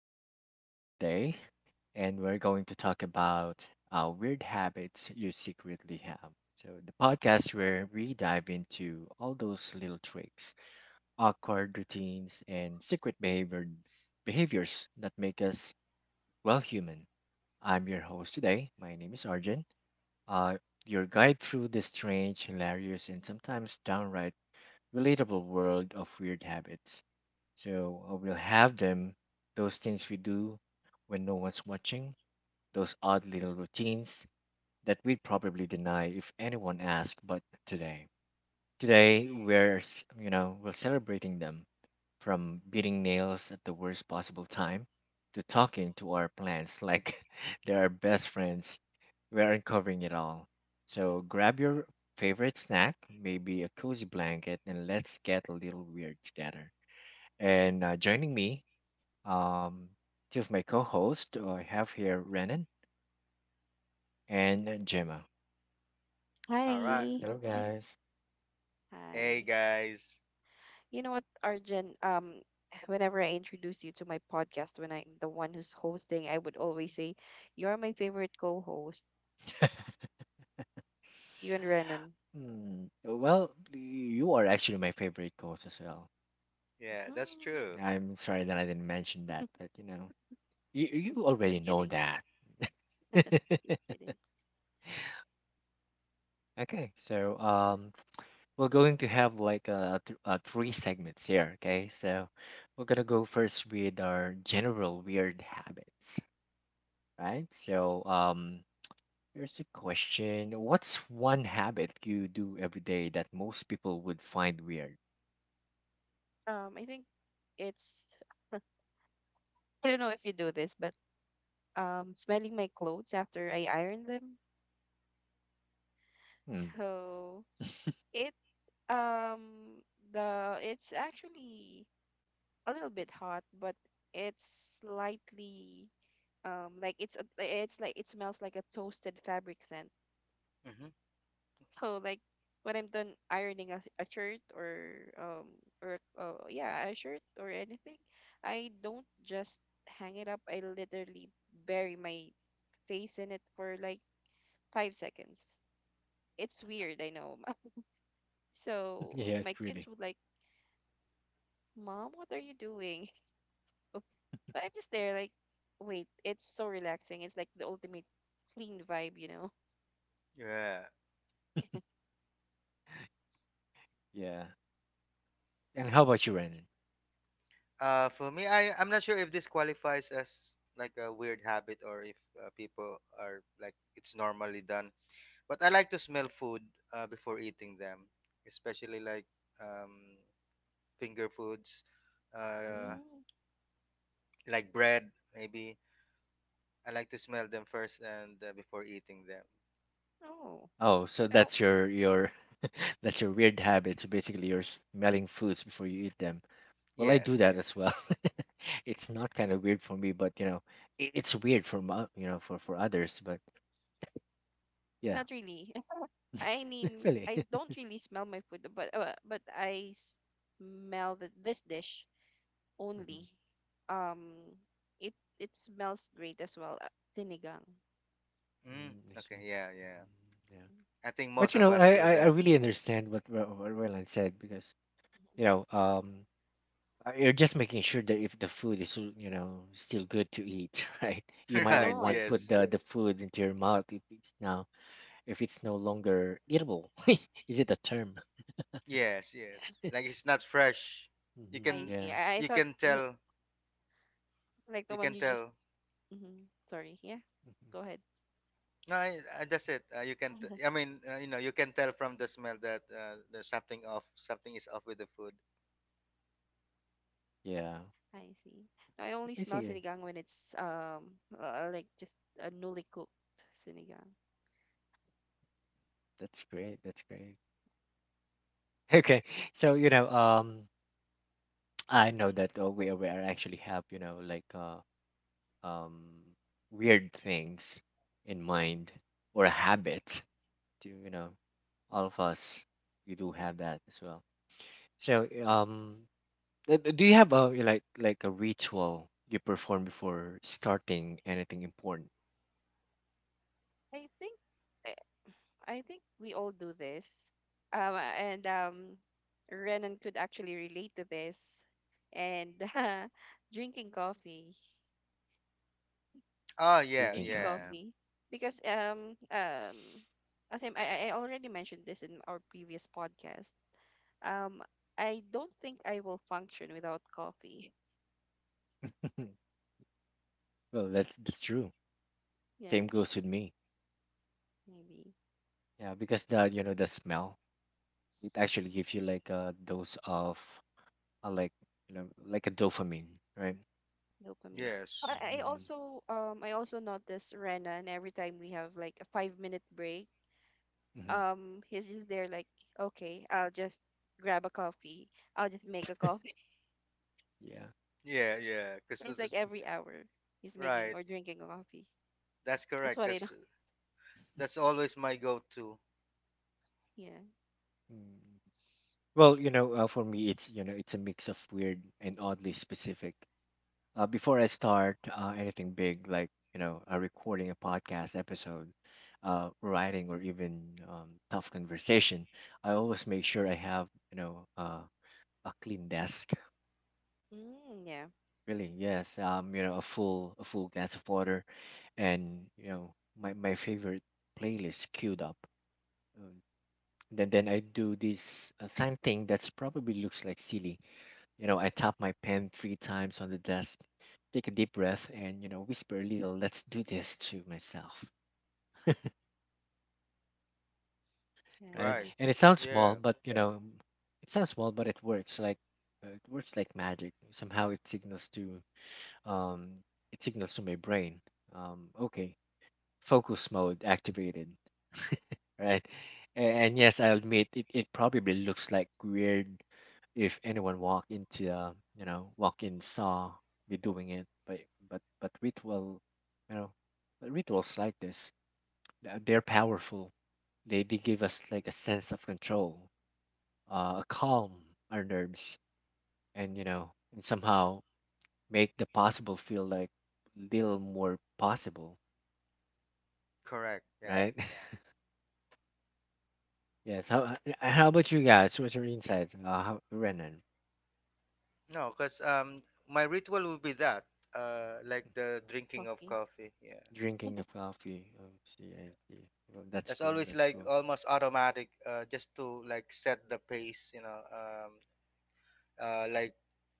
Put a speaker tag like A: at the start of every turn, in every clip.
A: podcast for today. And we're going to talk about weird habits you secretly have. So the podcast where we dive into all those little tricks, awkward routines, and secret behavior behaviors that make us well human. I'm your host today. My name is Arjun. Uh, your guide through the strange, hilarious, and sometimes downright relatable world of weird habits. So we'll have them, those things we do when no one's watching, those odd little routines that we'd probably deny if anyone asked. But today we're we're celebrating them, from beating nails at the worst possible time to talking to our plants like they're our best friends. We're uncovering it all. So grab your favorite snack, maybe a cozy blanket, and let's get a little weird together. And joining me, um, two of my co-hosts. I have here Renan and Gemma.
B: All right.
C: Hi.
A: Hello, guys.
B: Hey
C: Hi.
B: guys.
C: You know what, Arjun? Whenever I introduce you to my podcast, when I'm the one who's hosting, I would always say, you're my favorite co host, you and Renan.
A: Hmm, well, you are actually my favorite co-host as well.
B: Yeah, that's
C: Mhm.
B: true.
A: I'm sorry that I didn't mention that, but you know, you already
C: Just
A: know
C: kidding.
A: that.
C: Just kidding.
A: Okay, so
C: Yes.
A: we're going to have like th three segments here. Okay, so we're gonna go first with our general weird habits, right? So here's a question. What's one habit you do every day that most people would find weird?
C: I think it's, I don't know if you do this, but smelling my clothes after I iron them.
A: Hmm.
C: So it, um, it's actually a little bit hot, but it's slightly like it's like it smells like a toasted fabric scent.
B: Hmm.
C: So like when I'm done ironing a shirt um or yeah, a shirt or anything, I don't just hang it up. I literally bury my face in it for like 5 seconds. It's weird, I know. So
A: Yes,
C: my kids
A: really.
C: would like, mom, what are you doing? But I'm just there like, wait, it's so relaxing. It's like the ultimate clean vibe, you know.
B: Yeah.
A: Yeah. And how about you, Ren?
B: For me, I'm not sure if this qualifies as like a weird habit or if people are like it's normally done. But I like to smell food before eating them, especially like um, finger foods, uh,
A: Hmm.
C: Mm.
B: like bread maybe. I like to smell them first and before eating them.
C: Oh.
A: Oh, so
C: Oh.
A: that's your that's your weird habit. So basically, you're smelling foods before you eat them. Well, I do
B: Yes.
A: that
B: Yes.
A: as well. It's not kind of weird for me, but you know, it's weird for for others. But yeah,
C: Not really. I mean,
A: really.
C: I don't really smell my food, but I smell the this dish
A: Mhm.
C: only. Um, it it smells great as well. Sinigang.
B: Mm,
A: Mm, I
B: okay.
A: see.
B: Yeah. Yeah.
A: Mhm. Yeah.
B: I think
A: But
B: most
A: you
B: of
A: know,
B: us do
A: I
B: that.
A: really understand what what Roland said, because
C: Mhm.
A: you know you're just making sure that if the food is still, you know, still good to eat, right? You might not
B: Right.
C: Oh, I
A: want to
C: see.
A: put
B: Yes.
A: the food into your mouth if it's now, if it's no longer eatable. Is it a term?
B: Yes,
C: Yeah,
B: yes. Like it's not fresh. You
A: Hmm,
C: I
B: can,
C: see.
A: yeah.
C: I
B: you
C: thought
B: can
C: no,
B: tell.
C: like the
B: You
C: one
B: can
C: you just.
B: tell.
C: Mhm. Sorry. Yeah.
A: Mhm.
C: Go ahead.
B: No, I, that's it. You can. I mean, you know, you can tell from the smell that there's something off. Something is off with the food.
A: Yeah.
C: I see. No, I only smell
A: Basically,
C: sinigang when it's like just a newly cooked sinigang.
A: that's great. That's great. Okay, so you know I know that we are actually have, you know, like um, weird things in mind, or a habit to, you know, all of us, we do have that as well. So do you have a like a ritual you perform before starting anything important?
C: I think. I think we all do this. And Renan could actually relate to this. And drinking coffee,
B: Oh yeah,
A: Drinking
C: drinking
A: coffee.
B: yeah,
C: coffee, because I already mentioned this in our previous podcast. Um, I don't think I will function without coffee.
A: Well, that's true,
C: Yeah,
A: same goes with me.
C: maybe
A: Yeah, because the, you know, the smell, it actually gives you like a dose of like, you know, like a dopamine, right?
C: dopamine.
B: yes,
A: Mm-hmm.
C: I also notice Renan every time we have like a 5 minute break.
A: Hmm.
C: He's just there like, okay, I'll just grab a coffee, I'll just make a coffee.
A: Yeah.
B: yeah, yeah. Cause
C: It's like every hour he's making
B: right.
C: or drinking a coffee.
B: That's
C: That's
B: correct.
C: what I know.
B: Cause that's always my go-to.
C: Yeah.
A: Mm. Well, you know, for me, it's, you know, it's a mix of weird and oddly specific. Before I start anything big, like, you know, recording a podcast episode, writing, or even tough conversation, I always make sure I have, you know, a clean desk.
C: Mm, yeah.
A: Really, yes, you know, a full glass of water, and you know, my favorite playlist queued up. Um, then I do this sign thing that's probably looks like silly. You know, I tap my pen three times on the desk, take a deep breath, and, you know, whisper a little, let's do this to myself, right?
C: Yeah.
B: Right.
A: And it sounds small,
B: Yeah.
A: but, you know, it sounds small, but it works like magic. Somehow um, it signals to my brain, okay, focus mode activated, right? And yes, I admit it, it probably looks like weird if anyone walked into, walk in, saw me doing it, but ritual, you know, but rituals like this, they're powerful. They give us like a sense of control, a calm our nerves, and you know, and somehow make the possible feel like little more possible,
B: Correct. Yeah.
A: right? Yes. How how about you guys? What's your insight? Renan,
B: No, cause my ritual would be that. Like the drinking of
C: Coffee.
B: coffee. Yeah.
A: drinking of coffee. Oh, see, I see. Well, that's
B: That's
A: cool.
B: always
A: That's
B: like
A: cool.
B: almost automatic, just to like set the pace, you know, like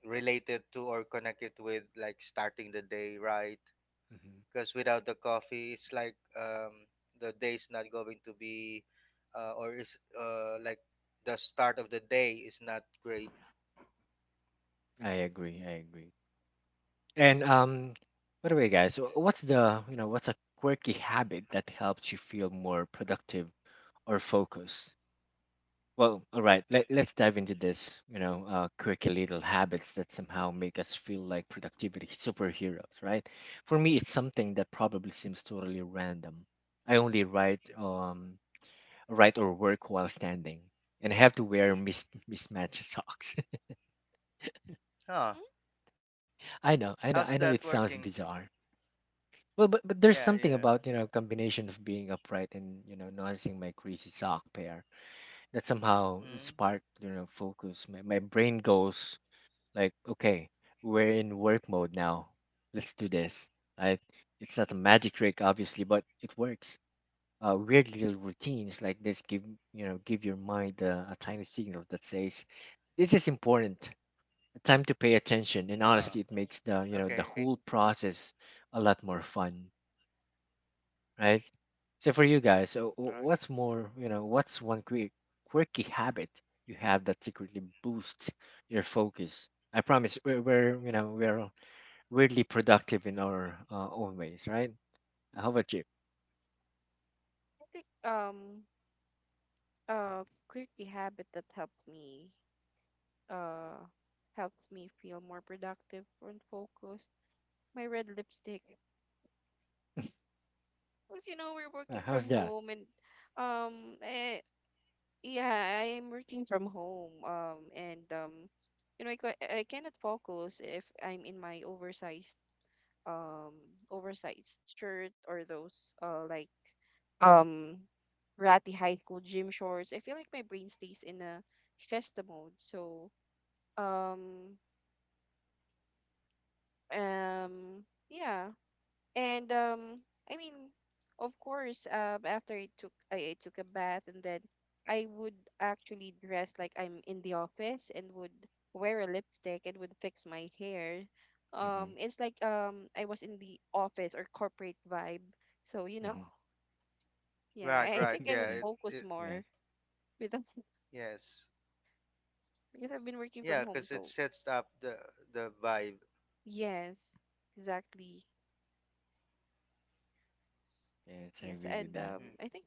B: related to or connect it with like starting the day right,
A: Hmm.
B: because without the coffee it's like, the day's not going to be or is like the start of the day is not great.
A: I agree. I agree. And by the way, guys, so what's the, you know, what's a quirky habit that helps you feel more productive or focused? Well, all right. Let's dive into this. You know, quirky little habits that somehow make us feel like productivity superheroes, right? For me, it's something that probably seems totally random. I only write, write or work while standing, and I have to wear mismatched socks.
B: Huh.
C: Mm,
A: I
B: How's
A: know, I
B: that
A: know, I know. It
B: working?
A: sounds bizarre. Well, but
B: Yeah,
A: there's
B: yeah.
A: something about, you know, combination of being upright and, you know, noticing my greasy sock pair that somehow
B: Mm.
A: sparked, you know, focus. My brain goes like, okay, we're in work mode now, let's do this, right? It's not a magic trick, obviously, but it works. Weird little routines like this give, you know, give your mind a tiny signal that says, this is important, time to pay attention.
B: Ah,
A: And honestly, it makes the, you
B: okay.
A: know, the whole process a lot more fun, right? So for you guys, so
B: Right,
A: what's one quirky habit you have that secretly boosts your focus? I promise we're, you know, we're weirdly productive in our own ways, right? How about you?
C: I think uh quirky habit that uh helps me feel more productive and focused. My red lipstick. Because you know we're working
A: How's
C: from
A: that?
C: home, and um I, yeah, I'm working from home. And you know, I cannot focus if I'm in my oversized um oversized shirt or those like um ratty high school gym shorts. I feel like my brain stays in a siesta mode. So um um yeah. And I mean, of course, after I took a bath, and then I would actually dress like I'm in the office and would wear a lipstick and would fix my hair.
A: Hmm.
C: It's like I was in the office or corporate vibe. So, you know,
A: Hmm.
C: yeah,
B: right.
C: I
B: Right,
C: think
B: yeah.
C: I would
B: it,
A: Yeah,
B: it
C: focus
A: yeah,
C: more with
B: yes
C: because I've been working
B: yeah
C: from home.
B: because it
C: So,
B: sets up the vibe.
C: yes, exactly.
A: yes, I
C: Yes.
A: agree with
C: And
A: that.
C: um
B: Mm.
C: I think,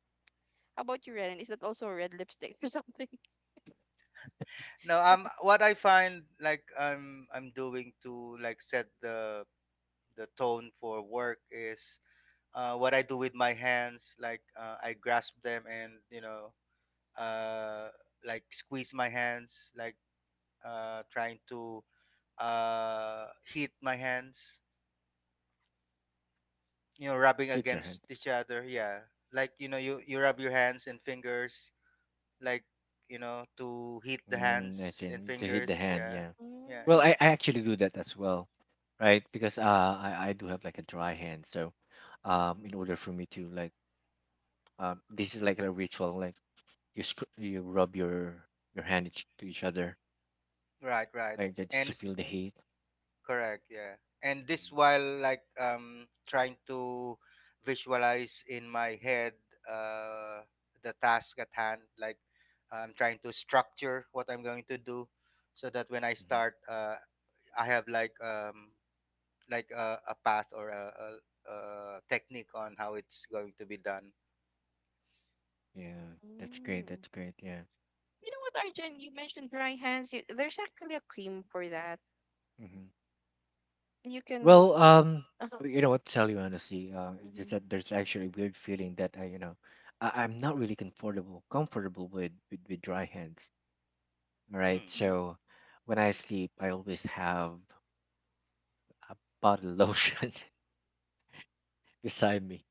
C: how about you, Renan? Is that also a red lipstick or something?
B: No, what I find like I'm doing to like set the tone for work is what I do with my hands. Like, I grasp them and you know uh, like squeeze my hands, like trying to hit my hands. You know, rubbing
A: Hit your
B: against
A: hand.
B: each other. Yeah, like, you know, you rub your hands and fingers, like you know, to hit the
A: Mm, I
B: hands and
A: think to hit the
B: fingers.
A: hand,
B: Yeah,
A: yeah.
B: yeah,
A: Well,
B: yeah.
C: Mm.
A: I actually do that as well, right? Because I do have like a dry hand, so in order for me to like, this is like a ritual, like you you rub your hand each, to each other,
B: Right, right.
A: like that, just
B: And
A: to feel the heat.
B: correct, yeah. And this
A: Mhm,
B: while like trying to visualize in my head uh the task at hand, like I'm trying to structure what I'm going to do so that when I
A: mhm.
B: start I have like a path or a technique on how it's going to be done.
A: Yeah, that's great.
C: Mm.
A: That's great. Yeah.
C: You know what, Arjun? You mentioned dry hands. There's actually a cream for that.
A: Mm-hmm.
C: You
A: Well,
C: can. Uh-huh.
A: you know what, to tell you honestly, it's just
C: Mhm,
A: that there's actually a weird feeling that I, you know, I'm not really comfortable with, with dry hands. All right,
B: Hmm.
C: mhm.
A: so when I sleep, I always have a bottle of lotion beside me.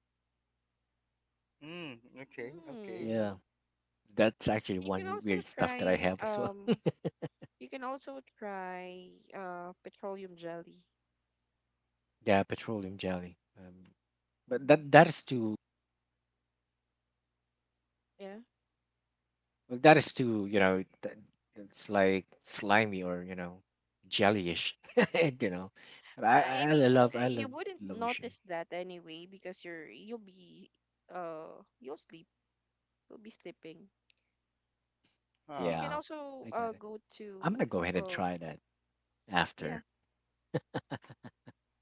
B: Mm, okay, okay.
C: Mm.
A: Yeah, that's actually
C: You can
A: one
C: also
A: weird stuff that I
C: try.
A: have as well.
C: You can also try petroleum jelly.
A: Yeah, petroleum jelly. Um, but
C: Hmm.
A: that that is to,
C: Yeah.
A: well, that is too, you know, it's like slimy or, you know, jellyish. You know, but
C: I
A: I
C: mean,
A: love,
C: you wouldn't
A: lotion.
C: notice that anyway because you'll be uh you'll sleep you'll be sleeping. You
B: Ah,
C: can
A: Yeah,
C: also
A: I got it.
C: go
A: I'm gonna
C: to
A: go ahead and
C: uh
A: try that
C: yeah.
A: after.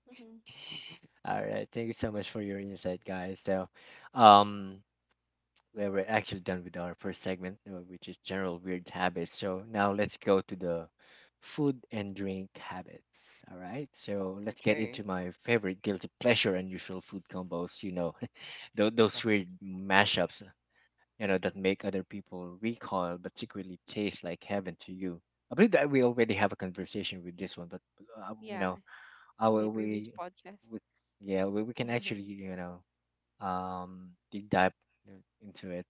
C: Hmm.
A: All right, thank you so much for your insight, guys. So, um, we we're actually done with our first segment, which is general weird habits. So now let's go to the food and drink habits. All right, so let's get
B: okay.
A: into my favorite guilty pleasure unusual food combos. You know, those
B: Ah,
A: weird mashups, you know, that make other people recoil but secretly taste like heaven to you. I believe that we already have a conversation with this one, but you
C: Yeah.
A: know, I
C: My
A: will
C: previous
A: we,
C: podcast.
A: we, yeah, we can actually, you know, deep dive, you know, into it.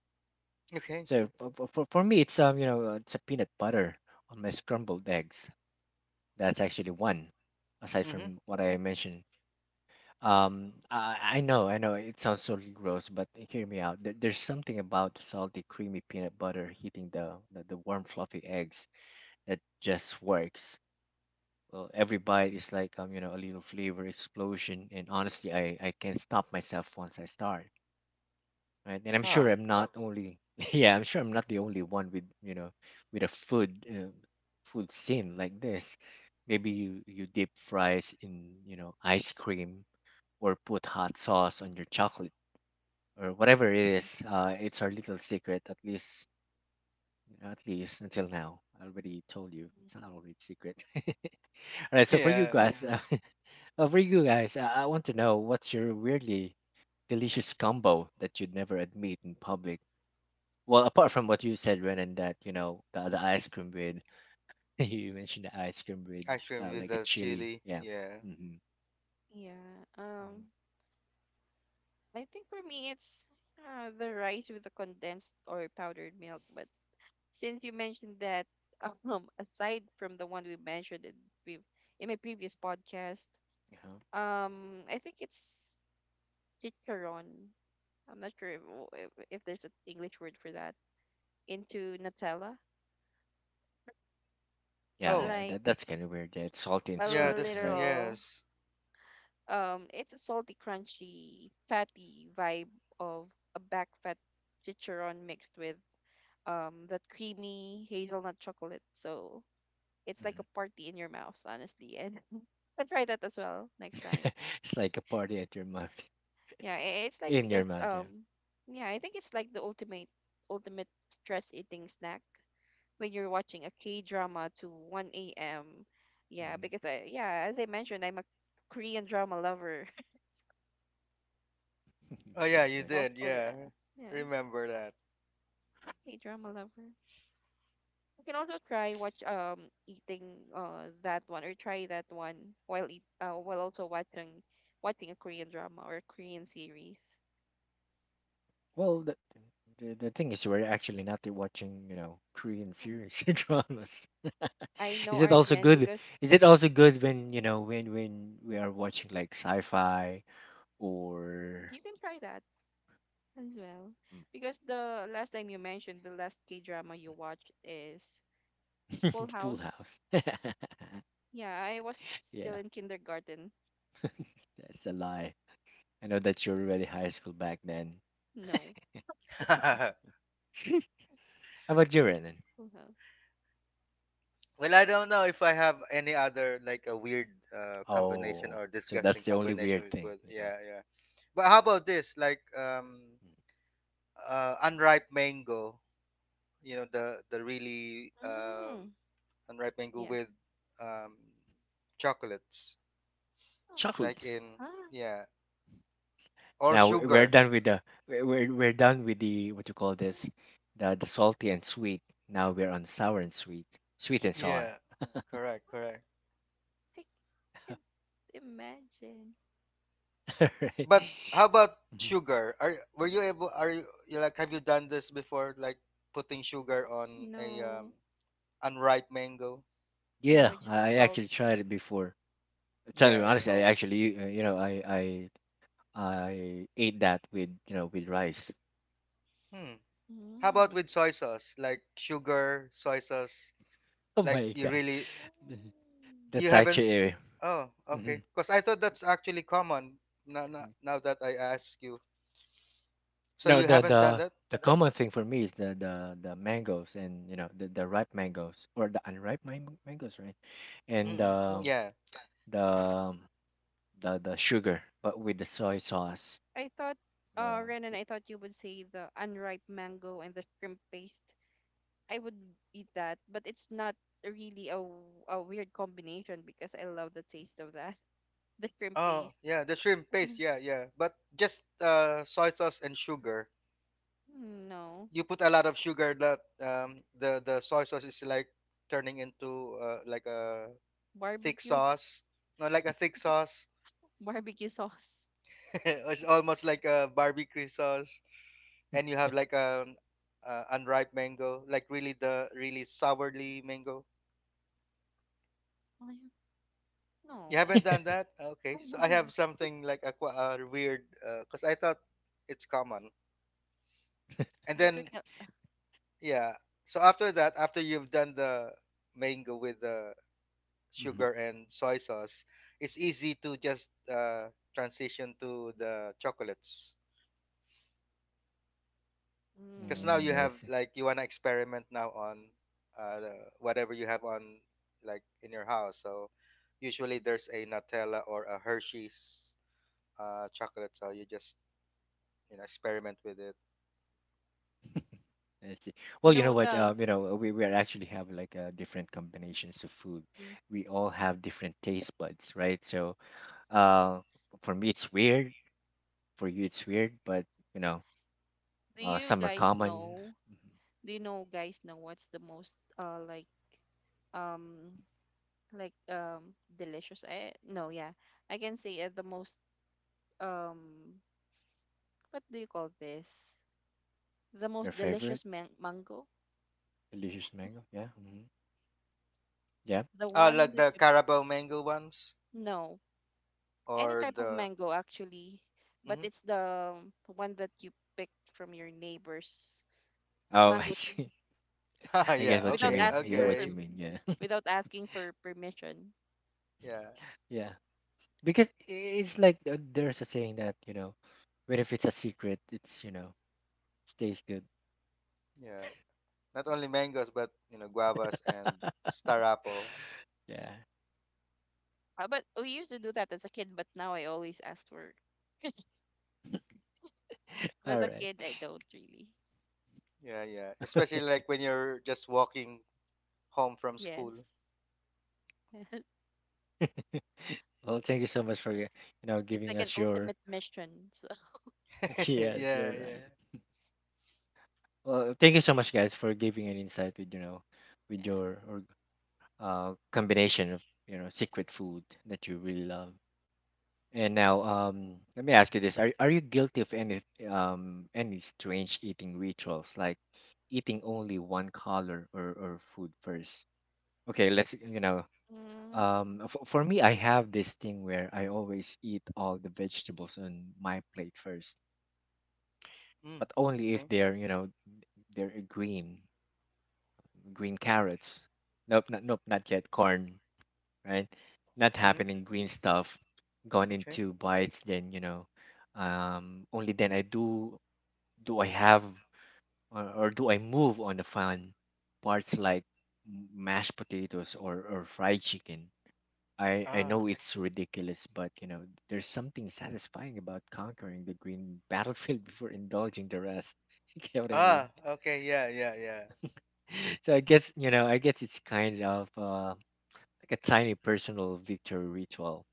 B: okay.
A: So for, for me, it's it's a peanut butter on my scrambled eggs. That's actually one, aside
B: Mm-hmm.
A: from what I mentioned. I know it sounds so gross, but hear me out. There's something about the salty, creamy peanut butter hitting the warm, fluffy eggs, that just works. Well, every bite is like, you know, a little flavor explosion, and honestly, I can't stop myself once I start. Right, and I'm sure
B: Huh.
A: I'm not only yeah, I'm sure I'm not the only one with, you know, with a food scene like this. Maybe you dip fries in, you know, ice cream, or put hot sauce on your chocolate, or whatever it
C: Mm-hmm.
A: is. It's our little secret, at least until now. I already told you it's not already secret. All right, so for you
B: Yeah.
A: guys, yeah, for you guys, I want to know what's your weirdly delicious combo that you'd never admit in public. Well, apart from what you said, Renan, that you know the ice cream with you mentioned the ice cream with
B: Ice cream with
A: like a
B: the
A: chili,
B: chili.
A: yeah.
B: Yeah.
A: Mm-hmm.
C: Yeah.
A: Mm-hmm.
C: I think for me it's the rice with the condensed or powdered milk. But since you mentioned that, aside from the one we mentioned pre- in my previous podcast,
A: Uh-huh.
C: I think it's chicharon. I'm not sure if, if there's an English word for that. Into Nutella,
B: Oh,
A: Yeah,
C: like
A: that that's kind of weird. Yeah, it's salty and
C: a
B: yeah,
A: sweet,
B: that's
A: right?
C: little
B: yes.
C: it's a salty, crunchy, fatty vibe of a back fat chicharon mixed with that creamy hazelnut chocolate. So it's
A: Mhm.
C: like a party in your mouth, honestly. And I'll try that as well next time.
A: It's like a party at your mouth,
C: Yeah, it's like
A: in your
C: because
A: mouth, yeah.
C: yeah, I think it's like the ultimate stress eating snack when you're watching a K drama to 1 AM. Yeah,
A: Hmm.
C: because I yeah, as I mentioned, I'm a Korean drama lover.
B: Oh
A: Yeah,
B: yeah, you
A: right.
C: Also,
B: did. Yeah.
C: yeah,
B: Remember that.
C: K drama lover. You can also try watch eating that one or try that one while eat while also watching a Korean drama or Korean series.
A: Well, the thing is, we're actually not watching, you know, Korean
C: Mm.
A: series and dramas.
C: I know,
A: Is it also
C: Arjen,
A: good?
C: because
A: Is it also good when, you know, when we are watching like sci-fi or
C: you can try that as well.
A: mm,
C: Because the last time you mentioned the last K drama you watched is Full
A: Full
C: House.
A: House?
C: Yeah, I was still
A: Yeah,
C: in kindergarten.
A: that's a lie. I know that you're already high school back then.
C: No,
A: How about you, Renan?
C: Full House.
B: Well, I don't know if I have any other like a weird combination
A: Oh,
B: or
A: so
B: disgusting
A: that's the only
B: combination
A: weird
B: with
A: thing,
B: food.
A: you know.
B: Yeah, yeah. But how about this? Like unripe mango, you know, the really
C: Mm,
B: unripe mango
C: yeah.
B: with um chocolates
C: Oh,
B: like
A: Chocolate.
B: in
C: huh. Huh.
B: yeah, or
A: Now we- are
B: sugar.
A: done with the we're done with the what you call this, the salty and sweet. Now we're on sour and sweet, sweet and sour.
B: Yeah. Correct, correct.
C: I can't imagine.
A: Right?
B: But how about
A: Mhm.
B: sugar? Are were you able? Are you you like? Have you done this before? Like putting sugar on a
C: No.
B: unripe mango?
A: Yeah,
C: No, just
A: I
C: salt.
A: actually tried it before. Tell you
B: Yeah,
C: Just
B: yeah.
A: honestly, I
C: salt.
A: actually I ate that with you know with rice.
B: Hmm. How
C: Mm.
B: about with soy sauce? Like sugar, soy sauce.
A: Oh
B: Like
A: my
B: you
A: god,
B: really
C: Mm.
B: you
A: that's
B: haven't.
A: actually.
B: Oh, okay.
A: Mhm.
B: Because I thought that's actually common. Now, now, now that I ask you, so
A: No,
B: you
A: the
B: haven't done
A: the
B: that?
A: the common thing for me is the mangoes and the ripe mangoes or the unripe mangoes, right? And
B: Mm-mm.
A: uh, Oh, um,
B: Yeah.
A: the um, the the sugar, but with the soy sauce.
C: I thought,
A: So,
C: Renan,
A: th-
C: I thought you would say the unripe mango and the shrimp paste. I would eat that, but it's not really a weird combination because I love the taste of that. The shrimp
B: Oh,
C: paste.
B: yeah. The shrimp paste. Yeah, yeah. But just soy sauce and sugar.
C: Mm, no.
B: You put a lot of sugar that the soy sauce is like turning into like a thick
C: Barbecue.
B: sauce, no like a thick sauce.
C: Barbecue sauce. Like,
B: It's
C: so-
B: almost like a barbecue sauce, and you have like unripe mango, like really the really sourly mango.
C: I-
B: You
C: no.
B: haven't done that,
C: I
B: okay, so
C: don't
B: I
C: know.
B: have something like weird, because I thought it's common. And
C: I think we
B: then
C: can.
B: yeah, so after that, after you've done the mango with the
A: Mhm.
B: sugar and soy sauce, it's easy to just, transition to the chocolates. Because
C: Mm.
B: now you
A: I
B: have
A: see.
B: like you wanna experiment now on, the, whatever you have on like in your house. So usually there's a Nutella or a Hershey's chocolate. So you just, you know, experiment with it.
A: I see.
C: You
A: Well, you
C: know,
A: know what?
C: the.
A: We actually have like different combinations of food.
C: Mm.
A: We all have different taste buds, right? So, uh,
C: Yes.
A: for me it's weird. For you it's weird, but you know,
C: Do you
A: some are
C: guys
A: common.
C: know? Do you know guys know what's the most um delicious I no yeah, I can say the most um what do you call this, the
A: Your
C: most
A: favorite
C: delicious mango?
A: delicious mango? Yeah. Hmm. Yeah.
C: The
B: Oh,
C: one
B: like
C: that
B: the
C: you
B: Carabao mango ones
C: no Any
B: or
C: type of
B: the
C: mango actually, but
B: mhm.
C: it's the one that you picked from your neighbor's
A: Oh, I
C: mango tree
A: see. I
B: Yeah.
A: get what you,
C: without
A: yeah,
B: Okay.
A: mean. I get what you
B: Okay.
A: mean. Yeah.
C: without asking for permission.
B: Yeah.
A: Yeah. Because it's like there's a saying that but if it's a secret, it's stays good.
B: Yeah. Not only mangoes, but you know guavas and star apple.
A: Yeah.
C: But we used to do that as a kid, but now I always ask for. But
A: All
C: as a
A: right.
C: kid I don't really.
B: Yeah, yeah. Especially like when you're just walking home from school.
C: Yes.
A: Well, thank you so much for
C: It's like
A: giving
C: an
A: us your.
C: ultimate mission. So,
A: Yes.
B: Yeah,
A: You're
B: yeah.
A: right. Well, thank you so much, guys, for giving an insight with with your or combination of secret food that you really love. And now, let me ask you this: Are you guilty of any any strange eating rituals, like eating only one color or food first? Okay, let's.
C: mm.
A: For me, I have this thing where I always eat all the vegetables on my plate first,
B: Mm,
A: but only if
B: okay.
A: they're you know they're green carrots. Nope, not yet corn. Right? Not
B: Mm-hmm.
A: happening, green stuff gone
B: Okay.
A: into bites. Then only then I do do I have or do I move on the fun parts like mashed potatoes or fried chicken. I know
B: Ah.
A: it's ridiculous, but there's something satisfying about conquering the green battlefield before indulging the rest. You get what I mean?
B: Ah. Okay. Yeah, yeah, yeah.
A: So I guess it's kind of like a tiny personal victory ritual,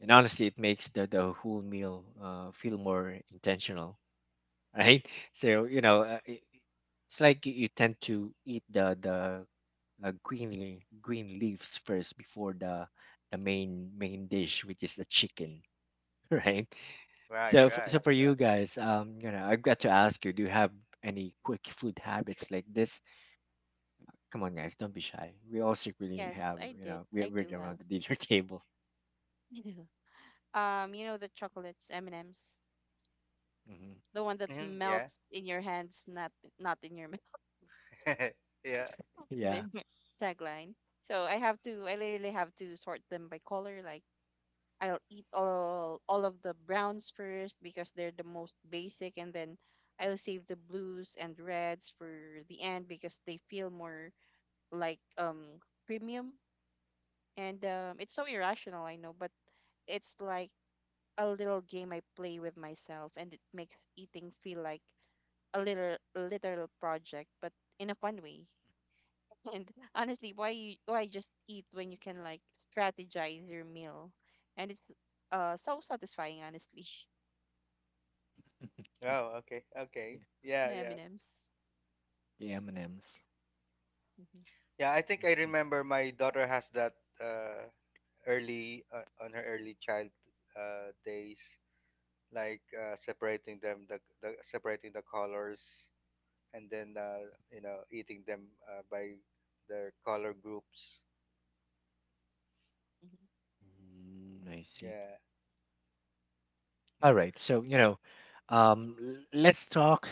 A: and honestly it makes the whole meal feel more intentional. Right? So it's like you tend to eat the green leaves first before the main dish which is the chicken. Right?
B: Right,
A: So f-
B: right.
A: so for you guys I've got to ask you, do you have any quick food habits like this? Come on, guys, don't be shy. We all secretly
C: Yes,
A: have,
C: I did.
A: we're,
C: I
A: we're
C: do
A: around
C: have.
A: the dinner table.
C: I do. You know the chocolates, M&Ms,
A: Hmm.
C: the one that
B: Mm-hmm. Yeah.
C: melts in your hands, not in your mouth.
B: Yeah.
A: Yeah.
C: Their tagline. So I have to. I literally have to sort them by color. Like I'll eat all of the browns first because they're the most basic, and then I'll save the blues and reds for the end because they feel more like premium. And it's so irrational, I know, but it's like a little game I play with myself, and it makes eating feel like a little literal project, but in a fun way. And honestly, why just eat when you can like strategize your meal, and it's so satisfying, honestly.
B: Oh, okay.
A: Yeah,
B: Okay. Yeah,
C: The
B: yeah.
C: M&Ms.
A: the M&Ms.
C: Mm-hmm.
B: Yeah, I think I remember my daughter has that uh early, on her early child days, like separating them, the separating the colors, and then you know, eating them by their color groups.
A: I see.
B: Yeah.
A: All right. So, let's talk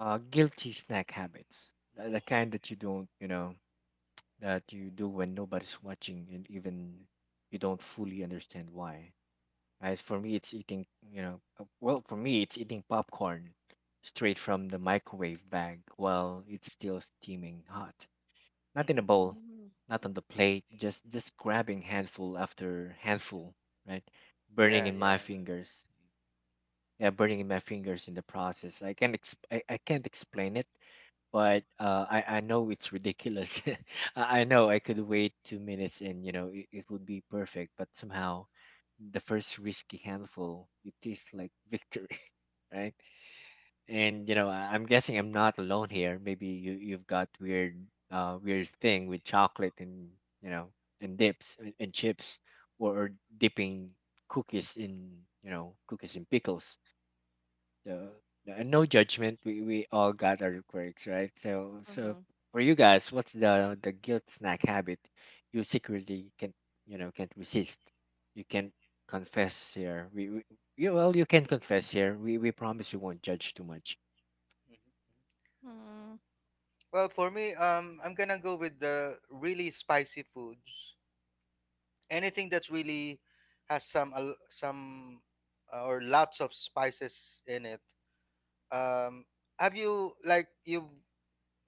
A: guilty snack habits. The kind that you don't, you know, that you do when nobody's watching and even you don't fully understand why. Right? For me, it's eating, well, for me, it's eating popcorn straight from the microwave bag while it's still steaming hot. Not in a
B: Hmm.
A: bowl,
C: Mm-hmm.
A: not on the plate, just grabbing handful after handful, right? Burning
B: Yeah.
A: in my
B: Yeah.
A: fingers. Yeah, burning in my fingers in the process. I can't explain it,
B: Hmm.
A: but I know it's ridiculous. I know I could wait 2 minutes and it would be perfect, but somehow the first risky handful it tastes like victory. Right? And I'm guessing I'm not alone here. Maybe you've got weird thing with chocolate and you know and dips and chips or dipping cookies in pickles. So no judgment. We all got our quirks, right? So
C: Mm-hmm.
A: for you guys, what's the guilt snack habit you secretly can't resist? You can't confess here. Well, you can confess here. We promise we won't judge too much.
B: Hmm.
C: Mm-hmm.
B: Well, for me, I'm gonna go with the really spicy foods. Anything that's really has some some or lots of spices in it. Um, have you like you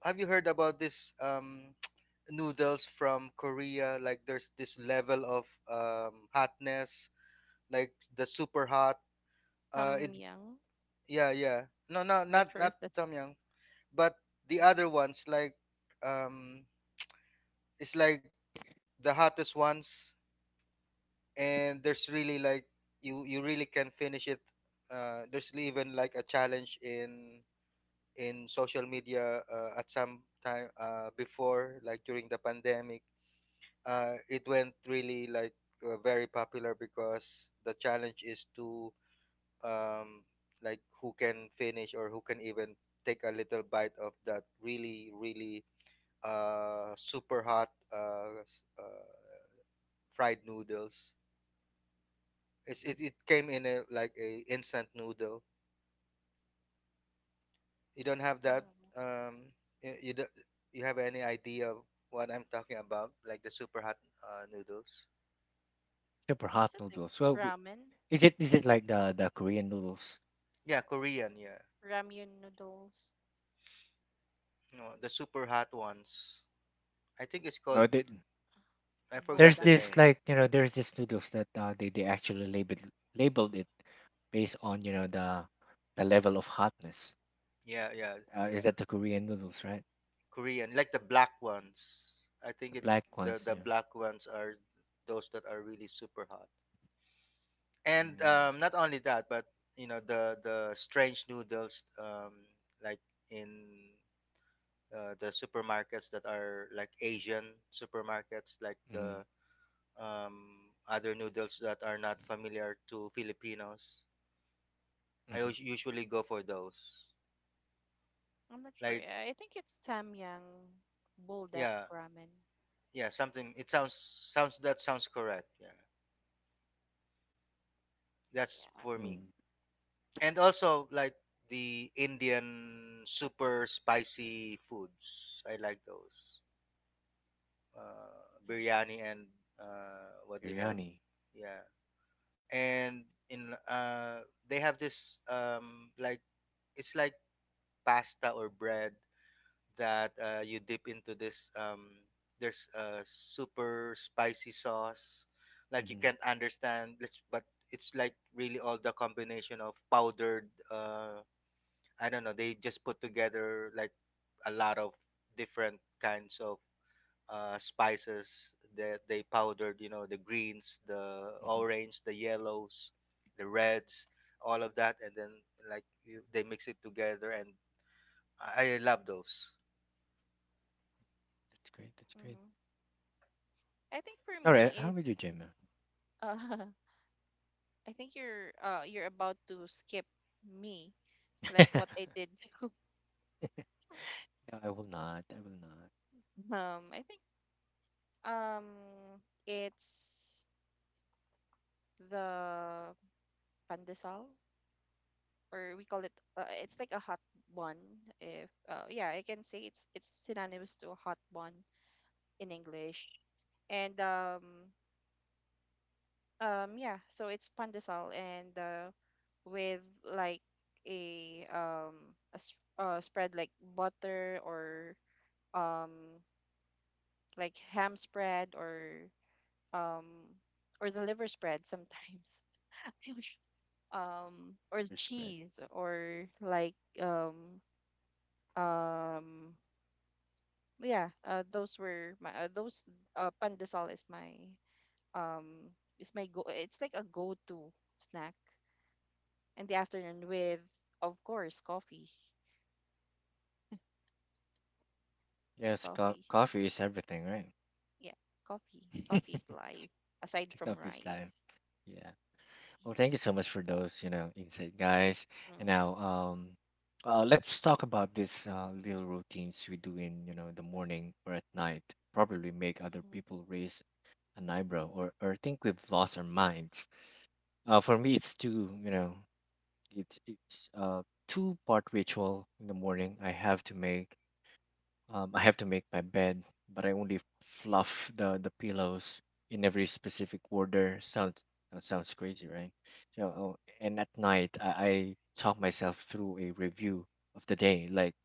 B: have you heard about this noodles from Korea? Like there's this level of hotness, like the super hot.
C: Tom
B: It
C: Yang.
B: Yeah, yeah,
C: Not
B: not,
C: sure
B: not
C: if that's.
B: Tom Yum, but the other
C: Uh-huh.
B: ones like um it's like the hottest ones, and there's really like you really can finish it. There's even like a challenge in social media at some time before, like during the pandemic. It went really like very popular, because the challenge is to um, like who can finish, or who can even take a little bite of that really really uh, super hot fried noodles. It came in a like a instant noodle. You don't have that.
C: Mm.
B: Um, you you, do, you have any idea of what I'm talking about? Like the super hot noodles.
A: Super hot
C: Is it like
A: noodles. Well, we-
C: ramen
A: is it is
C: or
A: it like
C: something?
A: the Korean noodles?
B: Yeah, Korean. Yeah,
C: Ramyun noodles,
B: no, the super hot ones. I think it's called.
A: Or the,
B: I
A: there's
B: forgot the
A: this
B: name.
C: buldak.
A: noodles that they actually labeled it based on the level of hotness.
B: Yeah, yeah.
A: Is that the Korean noodles, right?
B: Korean, like the black ones. I think
A: The
B: it
A: black ones,
B: the
A: yeah.
B: black ones are those that are really super hot. And
A: Mm,
B: not only that, but you know the strange noodles, like in the supermarkets that are like Asian supermarkets,
A: mm-hmm,
B: like the other noodles that are not familiar to Filipinos.
A: mm-hmm,
B: I usually go for those.
C: I'm not sure.
B: Like
C: I think it's Samyang buldak
B: yeah,
C: ramen.
B: yeah, something. It sounds Sounds, that sounds correct. Yeah, that's
C: Yeah,
B: for me.
A: mm.
B: And also like the Indian super spicy foods. I like those.
C: I see.
B: Biryani and what do you have?
A: Biryani.
B: Yeah. And in, they have this like it's like pasta or bread that you dip into this, there's a super spicy sauce like you
A: Mm-hmm,
B: can't understand let's, but it's like really all the combination of powdered I don't know, they just put together like a lot of different kinds of spices that they powdered, you know, the greens, the
A: mm-hmm.
B: orange, the yellows, the reds, all of that. And then like you, they mix it together. And I love those.
A: That's great. That's great.
C: Hmm. I think for
A: All right.
C: me,
A: How about you,
C: it's
A: Jim?
C: uh, I think you're about to skip me, like what I did.
A: No, I will not. I will not.
C: I think um, it's the pandesal, or we call it. It's like a hot bun. If yeah, I can say it's synonymous to a hot bun in English. And Yeah, so it's pandesal, and with like a um a spread like butter or um like ham spread, um or the liver spread sometimes. I'm not sure. um or
A: Respect.
C: cheese or like um yeah. Those pandesal um is my go it's like a go-to snack in the afternoon with, of course, coffee. It's
A: Yes, co-
C: coffee.
A: coffee is everything,
C: Yeah, coffee.
A: right?
C: Coffee is life, aside
A: Take
C: from
A: up his life.
C: rice.
A: Yeah. Well, thank you
C: Yes.
A: so much for those, insight, guys. And
C: Hmm.
A: now, let's talk about these little routines we do in, the morning or at night. Probably make other
C: Hmm.
A: people raise an eyebrow or think we've lost our minds. For me, it's two, you know, it's two-part ritual in the morning. I have to make my bed, but I only fluff the pillows in every specific order. Sounds that sounds crazy, right? So, oh, and at night, I talk myself through a review of the day, like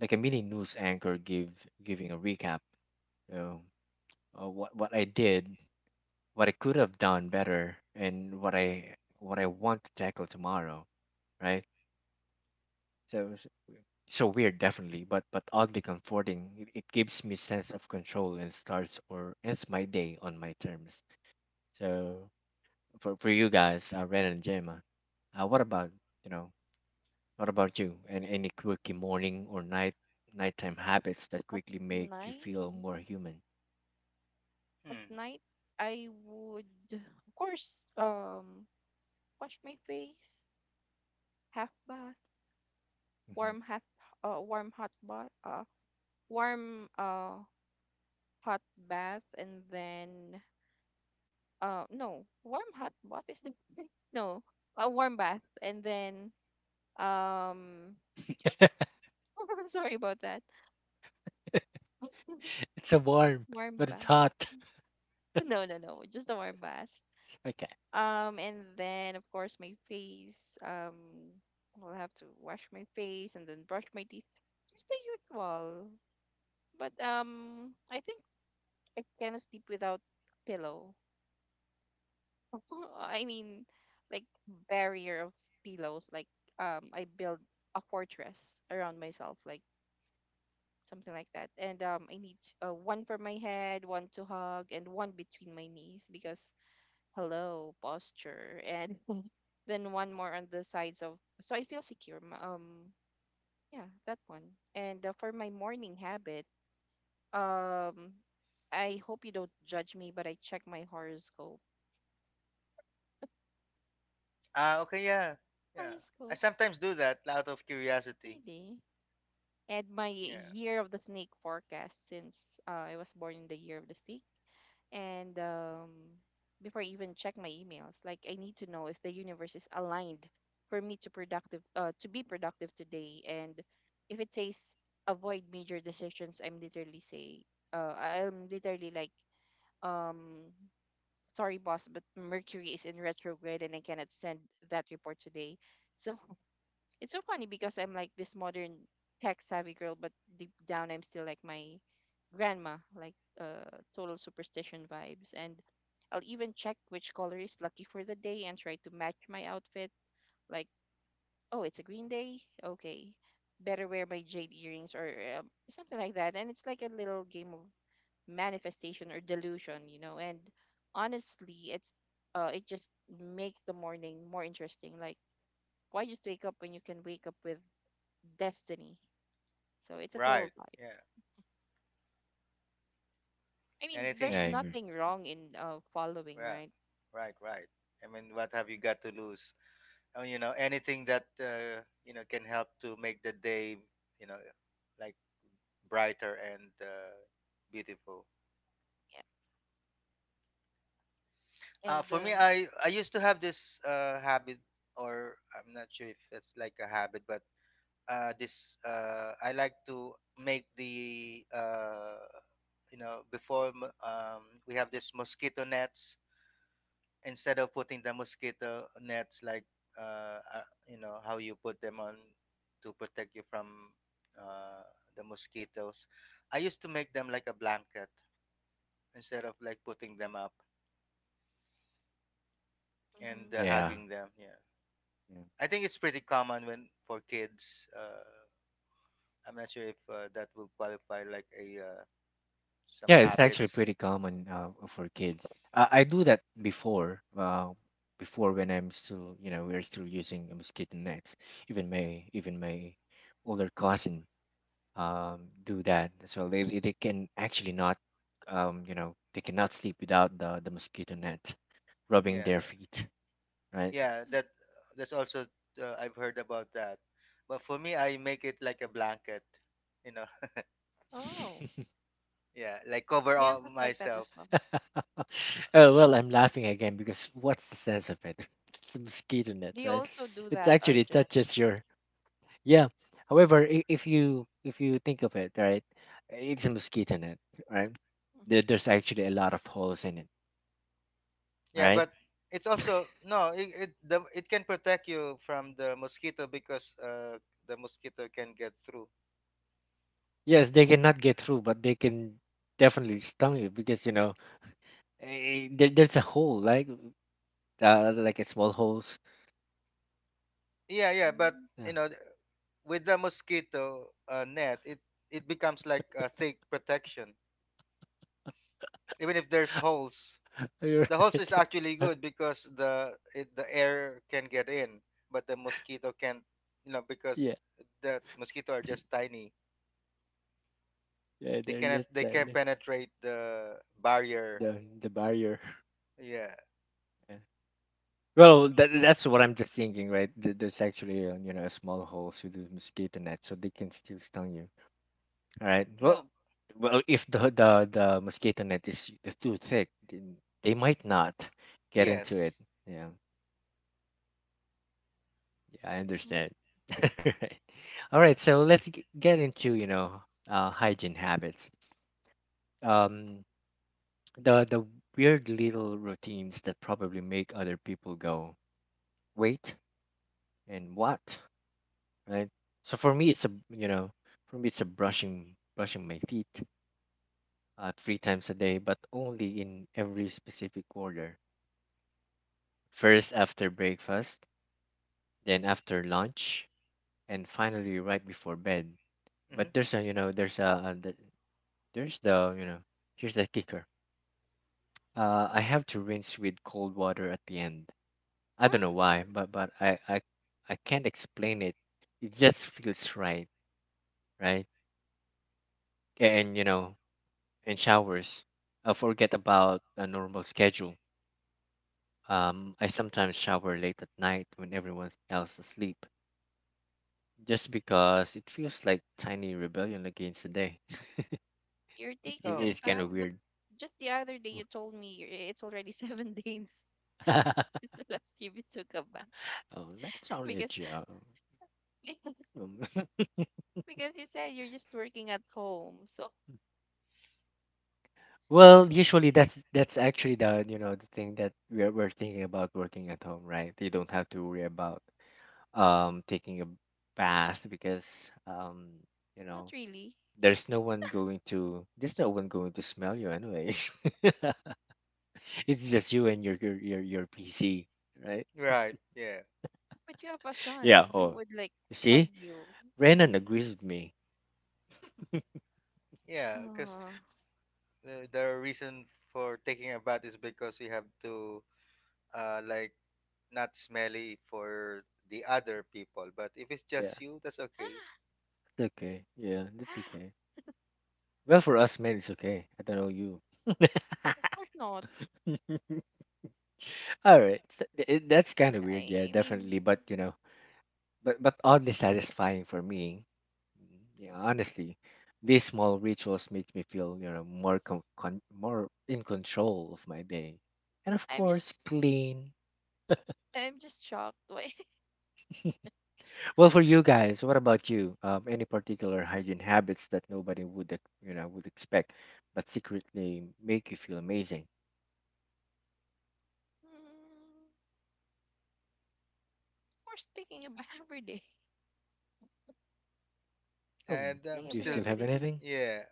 A: like a mini news anchor give giving a recap. So what I did, what I could have done better, and what I want to tackle tomorrow, right? So so weird, definitely, but oddly comforting. It gives me sense of control and starts or ends my day on my terms. So for you guys, ren and gemma, uh, what about you know what about you, and any quirky morning or nighttime habits that
C: At
A: quickly make you
C: night,
A: feel more human?
C: at
B: Hmm.
C: night, I would, of course, um, wash my face, half bath,
A: Mhm.
C: warm hot, uh, warm hot bath, uh, warm hot bath, and then no, warm hot bath is the no, a warm bath, and then um Sorry about that.
A: It's so warm,
C: Warm
A: but it's
C: bath.
A: hot.
C: No, no, no. Just a warm bath.
A: Okay.
C: And then of course my face. I'll have to wash my face and then brush my teeth. Just the usual. But I think I cannot sleep without pillow. I mean, like barrier of pillows. Like I build a fortress around myself. Like something like that. And I need one for my head, one to hug, and one between my knees because hello posture, and then one more on the sides of. So I feel secure. Yeah, that one. And for my morning habit, um, I hope you don't judge me, but I check my horoscope.
B: Ah, okay. Yeah. Yeah. I
C: Horoscope,
B: sometimes do that out of curiosity.
C: really. And my
B: Yeah.
C: year of the snake forecast since I was born in the year of the snake. And before I even check my emails, like I need to know if the universe is aligned for me to productive to be productive today. And if it says avoid major decisions, I'm literally like um sorry boss, but Mercury is in retrograde and I cannot send that report today. So it's so funny because I'm like this modern tech savvy girl, but deep down I'm still like my grandma, like total superstition vibes. And I'll even check which color is lucky for the day and try to match my outfit. Like, oh, it's a green day. Okay, better wear my jade earrings, or something like that. And it's like a little game of manifestation or delusion. And honestly, it just makes the morning more interesting. Like, why just wake up when you can wake up with destiny? So it's a total
B: Right.
C: vibe.
B: Yeah.
C: I mean,
A: Yeah,
C: there's
A: I
B: Anything.
A: agree.
C: nothing wrong in following,
B: Yeah.
C: right?
B: Right. Right. I mean, what have you got to lose? You know, anything that, you know, can help to make the day, you know, like brighter and, beautiful.
C: Yeah. And
B: For me, I used to have this habit, or I'm not sure if it's like a habit, but this I like to make the, you know before we have this mosquito nets. Instead of putting the mosquito nets like you know how you put them on to protect you from, uh, the mosquitoes, I used to make them like a blanket instead of like putting them up and
C: Mhm.
A: Yeah.
B: hugging them, yeah.
A: Yeah,
B: I think it's pretty common when for kids, I'm not sure if that will qualify like a some
A: Yeah, it's actually
B: habits.
A: pretty common for kids. I do that before, when I'm still, we're still using mosquito nets. Even my older cousin do that. So they can actually not, they cannot sleep without the mosquito net rubbing
B: Yeah,
A: their
B: yeah,
A: feet, right?
B: yeah, that, that's also, I've heard about that, but for me I make it like a blanket, you know,
C: Oh,
B: yeah, like cover
C: my
A: Yeah.
B: all
C: uncle's like that
B: myself.
C: as well.
A: Oh, well, I'm laughing again, because what's the sense of it? It's a mosquito net,
C: Do you
A: right?
C: also do
A: It
C: that,
A: actually
C: Arjun?
A: touches your, yeah. However, if you think of it, right, it's a mosquito net, right?
C: Mm-hmm.
A: There's actually a lot of holes in it,
B: Yeah,
A: right?
B: but it's also no it, the, it can protect you from the mosquito because the mosquito can get through.
A: Yes, they cannot get through, but they can definitely stung you because there's a hole, like a small holes.
B: Yeah, yeah, but
C: Mm-hmm.
A: Yeah,
B: you know with the mosquito net, it becomes like a thick protection even if there's holes.
A: you're
B: The holes
A: right.
B: is actually good because the it, the air can get in, but the mosquito can't, you know, because
A: Yeah,
B: the mosquito are just tiny.
A: yeah,
B: They
A: there,
B: cannot
A: that's
B: they can
A: the
B: penetrate the barrier.
A: the the barrier.
B: Yeah.
A: Yeah. Well, that's what I'm just thinking, right? There's actually a small holes with the mosquito net, so they can still stung you. All right.
B: No.
A: Well, if the mosquito net is too thick, then they might not get into it.
B: Yes.
A: Yeah, yeah, I
C: Mm-hmm.
A: understand. Right. All right, so let's get into, hygiene habits. Um, the weird little routines that probably make other people go, "Wait, and what?" Right? So for me, it's a, brushing my teeth three times a day, but only in every specific order. First after breakfast, then after lunch, and finally right before bed.
B: Mm-hmm.
A: But there's the, you know, here's the kicker. I have to rinse with cold water at the end. I don't
C: Ah,
A: know why, but I can't explain it. It just feels right, right? And and showers. I forget about a normal schedule. I sometimes shower late at night when everyone else is asleep, just because it feels like tiny rebellion against the day.
C: you're
A: It
C: taking a
B: Oh.
A: is kind
C: bath,
A: of
C: but
A: weird.
C: just the other day you told me it's already 7 days
A: Oh,
C: since the last time you took a bath.
A: that's only a
C: Because
A: joke. Um,
C: because you said you're just working at home, so
A: well, usually that's actually the you know the thing that we're thinking about working at home, right? You don't have to worry about taking a bath, because um you
C: not
A: know
C: really.
A: there's no one going to smell you anyways. It's just you and your your PC, right?
B: Right. Yeah.
C: But you have a
A: Yeah.
C: son who
A: Oh,
C: would like
A: you
C: hug
A: see,
C: you.
A: Renan agrees with me.
B: Yeah. Because
C: Ah.
B: the reason for taking a bath is because we have to, like not smelly for the other people. But if it's
A: Yeah,
B: just you, that's okay.
A: it's okay. Yeah, that's okay. Well, for us men, it's okay. I don't know you.
C: Of course not.
A: All right, so that's kind of weird. Yeah,
C: I I
A: definitely.
C: mean,
A: But you know, but oddly satisfying for me. Yeah, honestly, these small rituals make me feel more more in control of my day, and of
C: I'm just
A: course, clean.
C: I'm just shocked. Why?
A: Well, for you guys, what about you? Any particular hygiene habits that nobody would, would expect, but secretly make you feel amazing?
C: Mm, of course, thinking about every day.
A: Oh,
B: And I'm
C: Thinking
A: do you
C: about
B: still,
A: still
C: every
A: have
C: day.
A: anything?
B: yeah.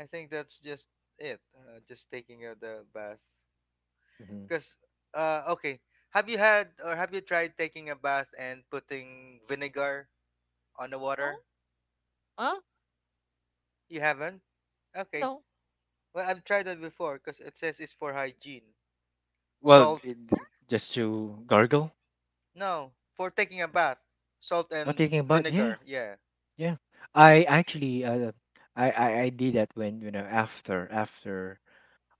B: I think that's just it. Just taking a the bath.
A: Hmm
B: Because, okay. Have you had or have you tried taking a bath and putting vinegar on the
C: No?
B: water?
C: Huh?
B: You haven't. Okay.
C: No.
B: Well, I've tried that before because it says it's for hygiene.
A: Well,
B: Salt,
A: it, just to gargle.
B: no, for taking a bath. Salt
A: I'm
B: and
A: thinking about yeah,
B: vinegar, yeah.
A: yeah. I actually, I did that when after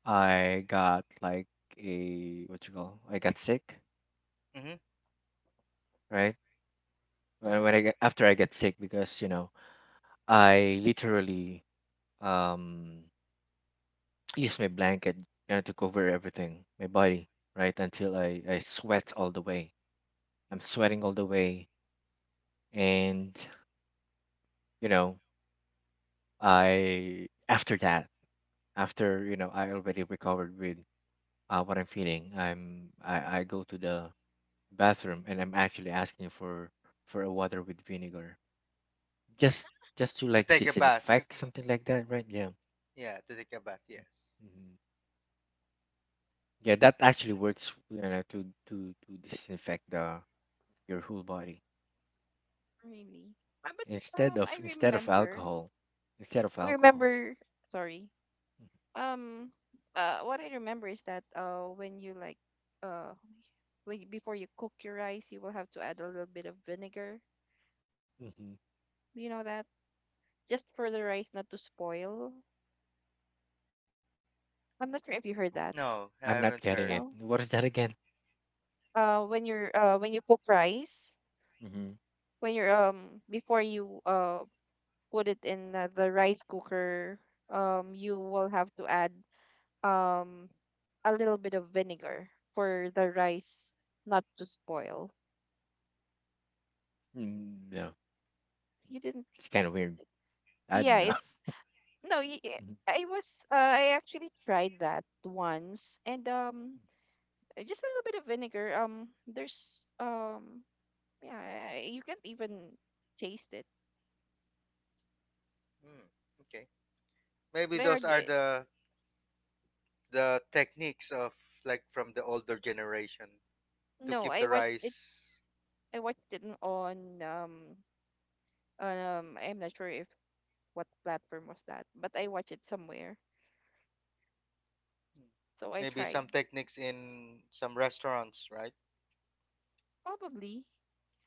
A: I got like a what you call I got sick,
B: Hmm.
A: right? When,
C: Uh,
A: when I got, after I got sick because you know I literally um use my blanket, you know, to cover everything, my body, right? Until I sweat all the way. I'm sweating all the way. And, you know, I, after that, after, you know, I already recovered with what I'm feeling, I go to the bathroom and I'm actually asking for a water with vinegar. Just, just to
B: To
A: like
B: take a bath.
A: disinfect something like that, right? Yeah.
B: Yeah, to take a bath, yes.
A: Mhm. Yeah, that actually works, you know, to disinfect the, your whole body.
C: Really? But
A: Instead of
C: I
A: instead of
C: remember.
A: alcohol, instead of
C: I
A: alcohol.
C: remember. Sorry. Um. What I remember is that when you like uh, when you- before you cook your rice, you will have to add a little bit of vinegar.
A: Mm-hmm.
C: Do you know that? Just for the rice not to spoil. I'm not sure if you heard
B: No,
C: that.
B: I haven't
A: I'm
B: heard.
A: not getting it.
C: No?
A: What is that again?
C: When you're when you cook rice,
A: Mm-hmm.
C: when you're before you put it in the rice cooker, you will have to add um a little bit of vinegar for the rice not to spoil.
A: Mm, no,
C: You didn't?
A: it's kind of weird. I
C: Yeah,
A: don't know.
C: it's no y- y-
A: hmm
C: I was I actually tried that once, and just a little bit of vinegar. There's Yeah, you can't even taste it.
B: Hmm. Okay. Maybe
C: But I
B: those are
C: already
B: the techniques of, like, from the older generation to
C: no
B: keep
C: I
B: the
C: watched it.
B: rice.
C: I watched it on I'm not sure if what platform was that, but I watched it somewhere.
B: Hmm.
C: So I
B: Maybe
C: tried.
B: some techniques in some restaurants, right?
C: Probably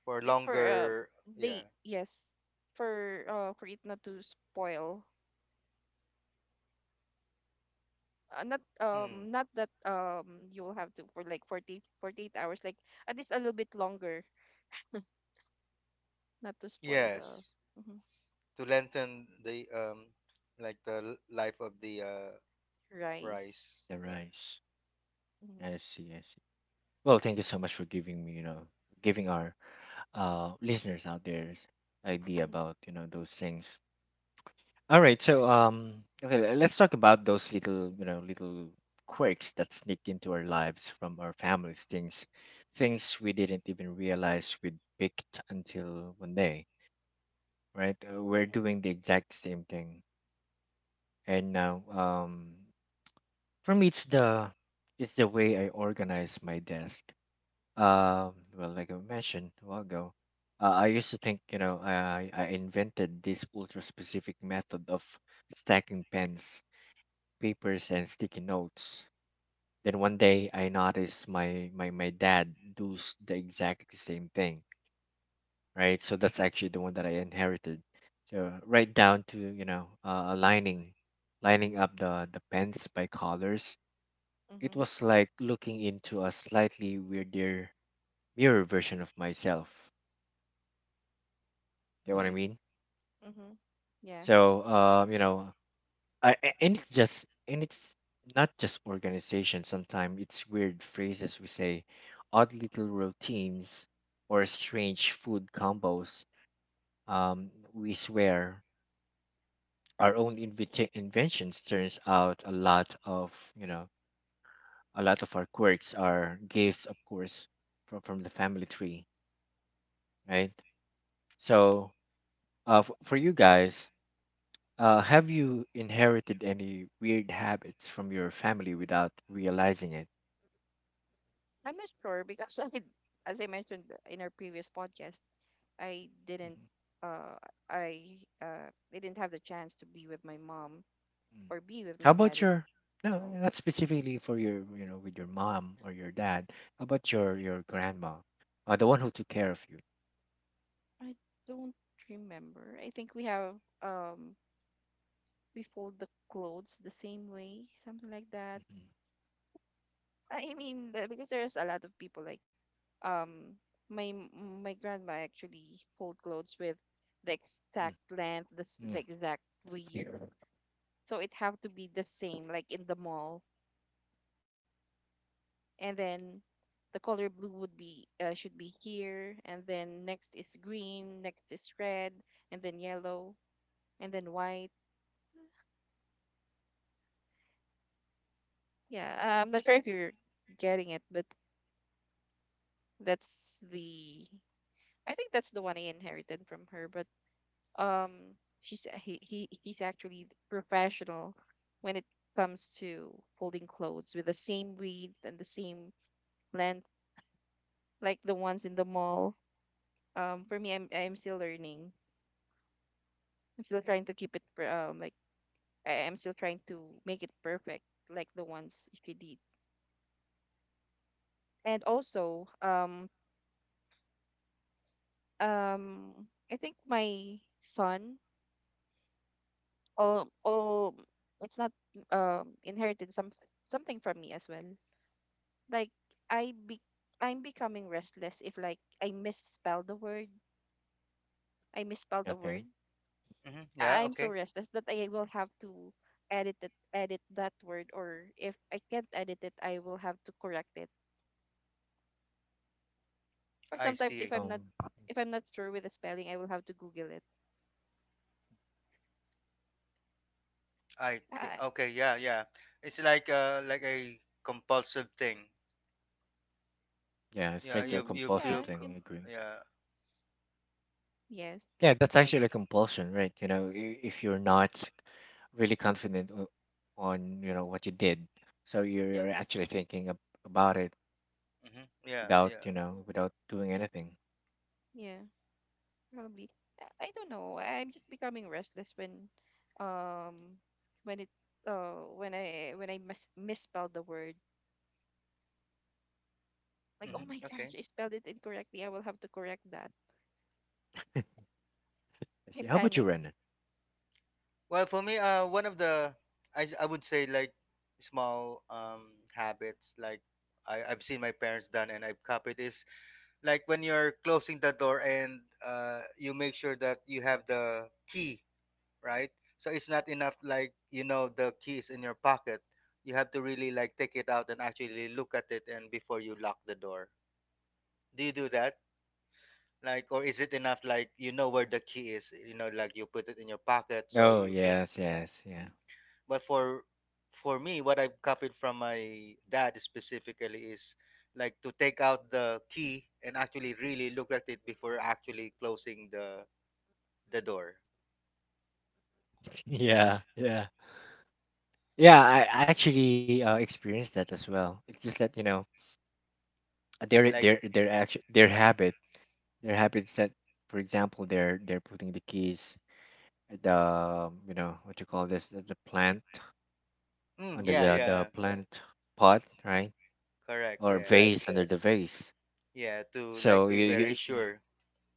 B: For
C: just for
B: longer, yeah.
C: they, yes, for it not to spoil. Not
B: Hmm.
C: not that you will have to, for like forty forty eight hours, like, at least a little bit longer, not to spoil the,
B: Yes.
C: mhm,
B: To lengthen the like the life of the
C: rice.
B: rice,
A: The
B: right?
A: rice.
C: Mhm,
A: I see. I see. Well, thank you so much for giving me, you know, giving our listeners out there idea
C: mhm,
A: about you know those things. All right, so okay, let's talk about those little, you know, little quirks that sneak into our lives from our families, things we didn't even realize we'd picked until one day, right? We're doing the exact same thing, and now, for me, it's the way I organize my desk. Well, like I mentioned a while ago, I used to think, you know, I invented this ultra specific method of stacking pens, papers and sticky notes. Then one day I noticed my dad does the exact same thing, right? So that's actually the one that I inherited. So right down to, you know, lining up the pens by colors. It
C: mhm,
A: was like looking into a slightly weirder mirror version of myself. Get what I
B: Hmm.
A: mean?
C: mhm. Yeah.
A: So, you know, and it's not just organization. Sometimes it's weird phrases we say, odd little routines, or strange food combos. We swear our inventions. Turns out a lot of our quirks are gifts, of course, from the family tree, right? So, for you guys. Have you inherited any weird habits from your family without realizing it?
C: I'm not sure because I As I mentioned in our previous podcast, I
A: Mm-hmm.
C: uh didn't have the chance to be with my mom
A: Mm.
C: or be with
A: How
C: my dad
A: about your
C: as
A: no,
C: well.
A: not specifically for your you know with your mom or your dad. How about your grandma, the one who took care of you?
C: I don't remember. I think we have, um we fold the clothes the same way, something like that. I mean, because there's a lot of people like um my grandma actually fold clothes with the
A: Mm-hmm.
C: exact length, the s-
A: Mm.
C: the exact width.
A: Mm.
C: So it have to be the same like in the mall, and then the color blue would be, should be here, and then next is green, next is red, and then yellow, and then white. Yeah, I'm not sure if you're getting it, but that's the I think that's the one I inherited from her. But um she's he he's actually professional when it comes to folding clothes with the same width and the same length, like the ones in the mall. For me, I'm still learning. I'm still trying to keep it pr- like I am still trying to make it perfect, like the ones she did. And also, um, I think my son, oh, oh, it's not inherited some something from me as well. Like, I be I'm becoming restless if, like, I misspell the word, I misspelled a
A: Okay.
C: word.
B: Hmm. Yeah,
C: I'm so
B: okay.
C: restless that I will have to edit it, edit that word, or if I can't edit it, I will have to correct it. Or
B: I
C: sometimes
B: see.
A: Oh,
C: if I'm not sure with the spelling, I will have to Google it. Uh,
B: Okay, yeah, yeah. It's like a compulsive thing.
A: yeah, it's
B: Yeah,
A: like a compulsive
C: yeah, you
A: thing.
C: can.
A: I agree.
B: yeah.
C: Yes,
A: Yeah, that's
C: I
A: actually a compulsion, right? You know, if you're not really confident on you know what you did, so you're
C: yeah,
A: actually thinking about it
B: Hmm, yeah,
A: without
B: yeah.
A: you know without doing anything.
C: yeah, probably. I don't know. I'm just becoming restless um when it when I misspelled the word. Like,
B: Hmm,
A: Mm,
C: oh my
A: I see.
B: okay.
C: gosh, I spelled it incorrectly. I will have to correct that.
A: I see.
C: I
A: How about you,
C: panic.
A: Ren?
B: Well, for me, one of the, I would say, like, small habits, like I, 've seen my parents done and I've copied is like when you're closing the door and you make sure that you have the key, right? So it's not enough, like, you know, the key is in your pocket. You have to really, like, take it out and actually look at it and before you lock the door. Do you do that? Like, or is it enough, like, you know where the key is, you know, like, you put it in your pocket, so
A: Oh
B: you can.
A: yes,
B: Yeah,
A: yes, yeah,
B: but for, me what I've copied from my dad specifically is, like, to take out the key and actually really look at it before actually closing the door.
A: yeah, yeah, yeah. I actually experienced that as well. It's just that you know
B: Like
A: their action their habits that, for example, they're putting the keys at the you know what you call this the plant
B: mm,
A: under
B: yeah,
A: the
B: yeah.
A: plant pot right
B: Correct,
A: or Right.
B: yeah.
A: vase under the vase.
B: Yeah, to, like,
A: So
B: be very
A: you-
B: sure.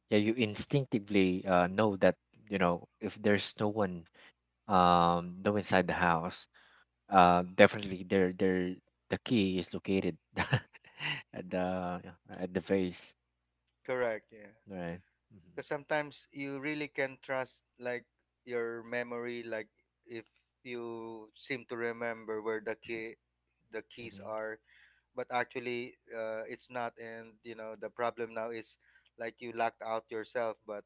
A: yeah you instinctively know that you know if there's no one no inside the house definitely their the key is located at the at the face,
B: Correct, yeah.
A: right? Hmm.
B: Because sometimes you really can trust, like, your memory, like, if you seem to remember where the key, the keys
A: Hmm.
B: are. But actually it's not, and you know the problem now is, like, you locked out yourself. But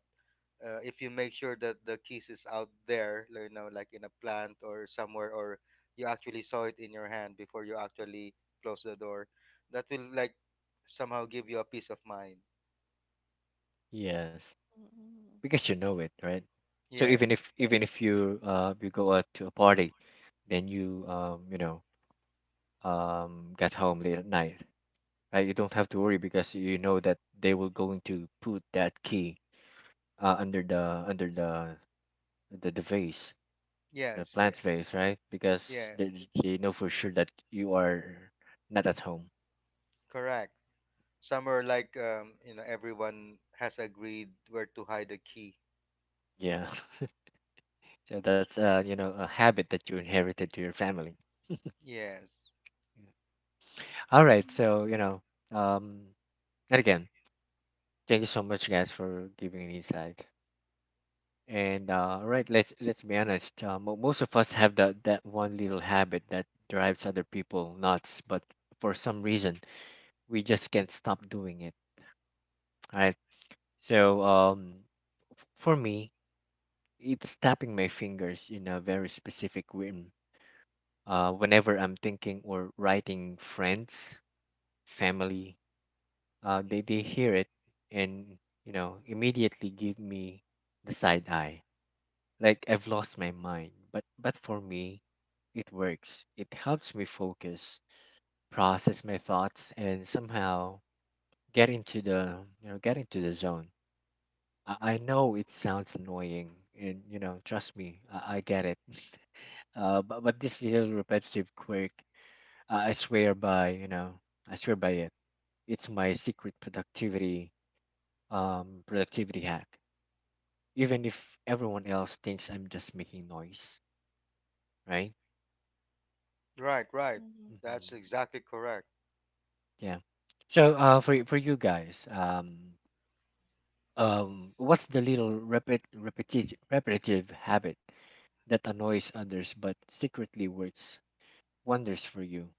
B: if you make sure that the keys is out there, you know, like in a plant or somewhere, or you actually saw it in your hand before you actually close the door, that will, like, somehow give you a peace of mind.
A: Yes,
C: Mm,
A: because you know it, right? So
B: Yeah.
A: even if you you go out to a party, then you you know get home late at night, right? You don't have to worry because you know that they will going to put that key under the under the vase, the
B: Yes,
A: plant
B: yes,
A: face, right? Because
B: yeah.
A: they know for sure that you are not at home.
B: Correct. Somewhere like, you know, everyone has agreed where to hide the key.
A: Yeah. So that's you know, a habit that you inherited to your family.
B: Yes.
A: All right. So,
C: mm,
A: you know, um, and again, thank you so much guys for giving an insight. And all right, let's be honest. Most of us have that one little habit that drives other people nuts, but for some reason we just can't stop doing it. All right. So, um, for me, it's tapping my fingers in a very specific rhythm. Whenever I'm thinking or writing, friends, family, they hear it and you know immediately give me the side eye, like I've lost my mind. But for me, it works. It helps me focus, process my thoughts, and somehow get into the you know get into the zone. I know it sounds annoying, and you know trust me, I get it. But this little repetitive quirk, I swear by, you know, I swear by it. It's my secret productivity, productivity hack. Even if everyone else thinks I'm just making noise, right?
B: Right, right.
C: mm, mm.
A: Hmm.
B: That's exactly correct.
A: Yeah. So, for for you guys, what's the little repetitive habit that annoys others but secretly works wonders for you?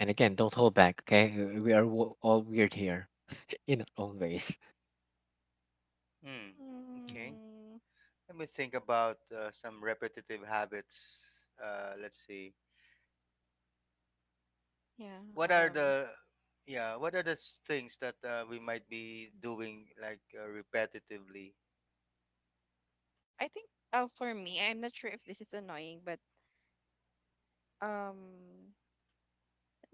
A: And again, don't hold back, okay? We are all weird here in our own ways.
B: Hmm.
A: Mhm.
B: Okay.
C: Mm.
B: Let me think about some repetitive habits. Let's see.
C: Yeah.
B: What are the, yeah? What are the things that we might be doing, like, repetitively?
C: I think, for me, I'm not sure if this is annoying, but um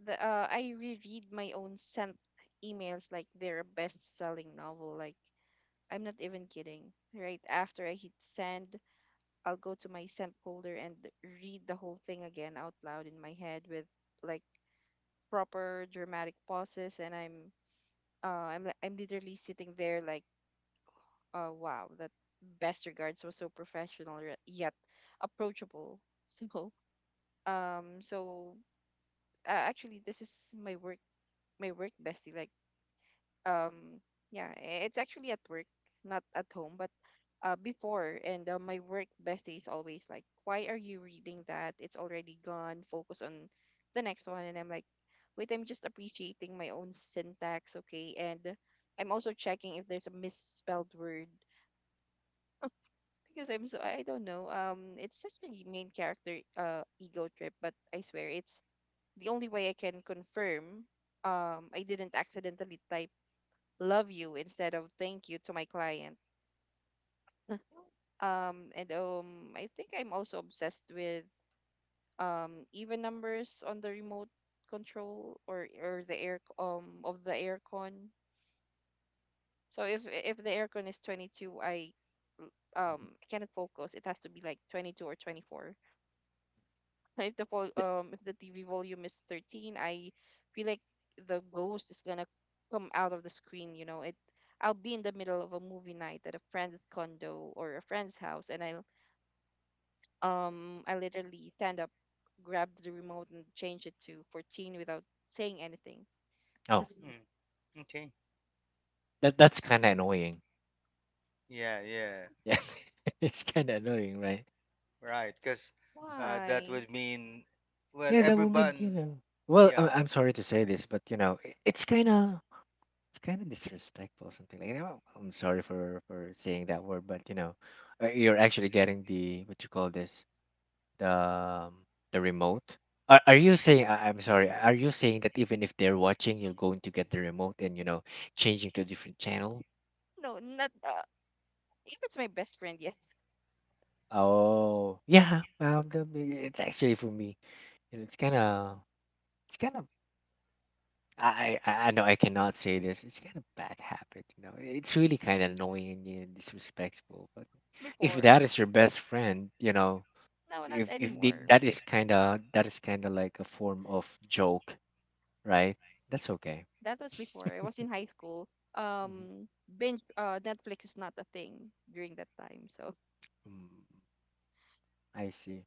C: the I reread my own sent emails like their best-selling novel. Like, I'm not even kidding. Right after I hit send, I'll go to my sent folder and read the whole thing again out loud in my head with, like, proper dramatic pauses, and I'm literally sitting there like, wow, that "best regards" was so yet approachable. So so actually, this is my work bestie. Like, um yeah, it's actually at work, not at home, but before, and my work bestie is always like, "Why are you reading that? It's already gone. Focus on the next one." And I'm like, "Wait, I'm just appreciating my own syntax, okay?" And I'm also checking if there's a misspelled word, because I don't know. It's such a main character ego trip, but I swear it's the only way I can confirm I didn't accidentally type "love you" instead of "thank you" to my client. And I think I'm also obsessed with, even numbers on the remote control, or the air, of the aircon. So if the aircon is 22, I
A: Mhm.
C: cannot focus. It has to be like 22 or 24. if the vol-
A: Th-
C: um if the TV volume is 13, I feel like the ghost is gonna come out of the screen. You know it. I'll be in the middle of a movie night at a friend's condo or a friend's house, and I literally stand up, grab the remote, and change it to 14 without saying anything. So
A: Oh,
B: Hmm. Okay.
A: that that's kind of
C: yeah.
A: annoying.
B: Yeah, yeah.
A: Yeah, it's kind of annoying, right?
B: Right. Because that
C: Why?
B: would mean, well,
A: Yeah, that would be you
B: everyone.
A: know. Well,
B: Yeah.
A: I'm sorry to say this, but you know, it's kind of disrespectful, something like that. Well, I'm sorry for saying that word, but you know, you're actually getting the what you call this the um, the remote. Are you saying? I- I'm sorry. Are you saying that even if they're watching, you're going to get the remote and you know changing to a different channel?
C: No, not if it's my best friend. Yes,
A: Oh yeah, the- it's actually for me. You know, it's kind of. I know I cannot say this. It's kind of bad habit. You know, it's really kind of annoying and you know, disrespectful. But if
C: before.
A: that is your best friend, you know,
C: No, not
A: if
C: anymore.
A: that is kind of like a form of joke, right? That's okay.
C: That was before I was in high school.
A: Mhm.
C: Binge Netflix is not a thing during that time. So
A: Mm. I see.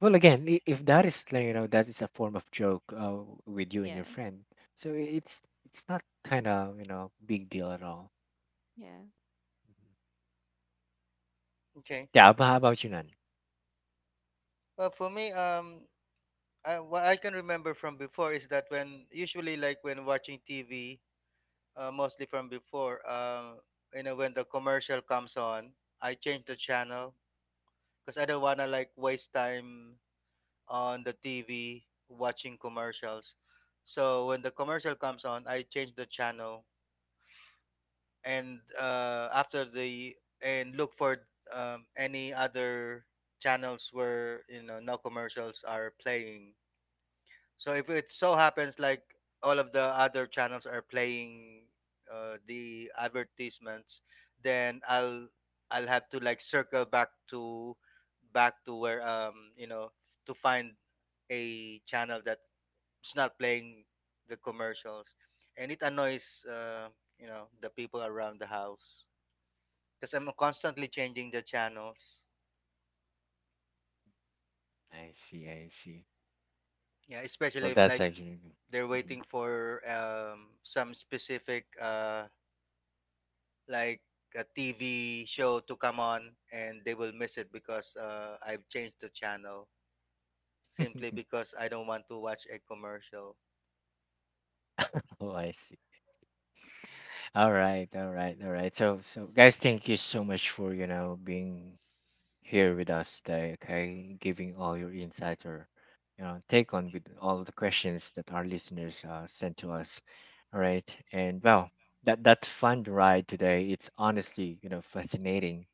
A: Well, again, if that is like you know that is a form of joke with you and
C: yeah,
A: your friend, so it's not kind of you know big deal at all.
C: yeah.
A: Mhm.
B: Okay.
A: Yeah,
B: Okay.
A: how about you, Nan?
B: Well, for me, I, what I can remember from before is that when usually, like, when watching TV, mostly from before. You know, when the commercial comes on, I change the channel because I don't wanna like waste time on the TV watching commercials. So when the commercial comes on, I change the channel and after the, and look for any other channels where, you know, no commercials are playing. So if it so happens, like, all of the other channels are playing the advertisements, then I'll have to, like, circle back to, where you know, to find a channel that's not playing the commercials, and it annoys, you know, the people around the house because I'm constantly changing the channels.
A: I see, I see.
B: Yeah, especially
A: Well,
B: if,
A: that's
B: like,
A: actually.
B: they're
A: Mhm.
B: waiting for some specific. Like a TV show to come on and they will miss it because I've changed the channel simply because I don't want to watch a commercial.
A: Oh, I see. All right, all right, all right. So, so guys, thank you so much for you know being here with us today, okay? Giving all your insights or you know, take on with all the questions that our listeners sent to us. All right. And well, that fun ride today, it's honestly, you know, fascinating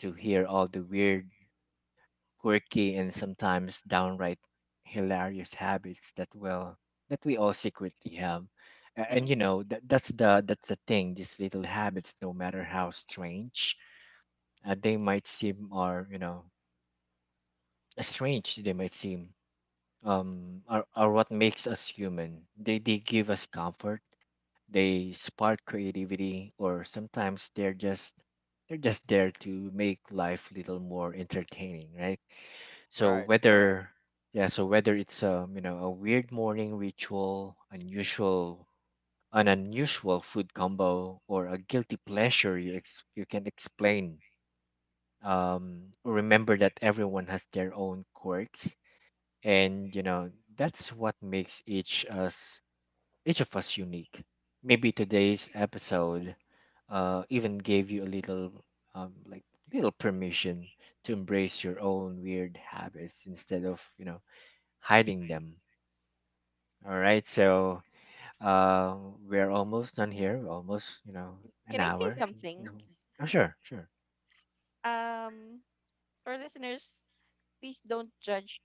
A: to hear all the weird, quirky and sometimes downright hilarious habits that well that we all secretly have. And
B: Hmm.
A: you know, that's the thing, these little habits, no matter how strange they might seem or, you know, strange they might seem, are what makes us human. They give us comfort, they spark creativity, or sometimes they're just there to make life little more entertaining, right? So
B: Right.
A: whether yeah, so whether it's you know a weird morning ritual, unusual an unusual food combo, or a guilty pleasure you you can explain. Remember that everyone has their own quirks and you know that's what makes each of us unique, maybe today's episode even gave you a little like little permission to embrace your own weird habits instead of you know hiding them. All right, so uh, we're almost done here. We're almost you know an
C: Can I say
A: hour.
C: something?
A: Mhm. Oh sure, sure.
C: Um, our listeners, please don't judge.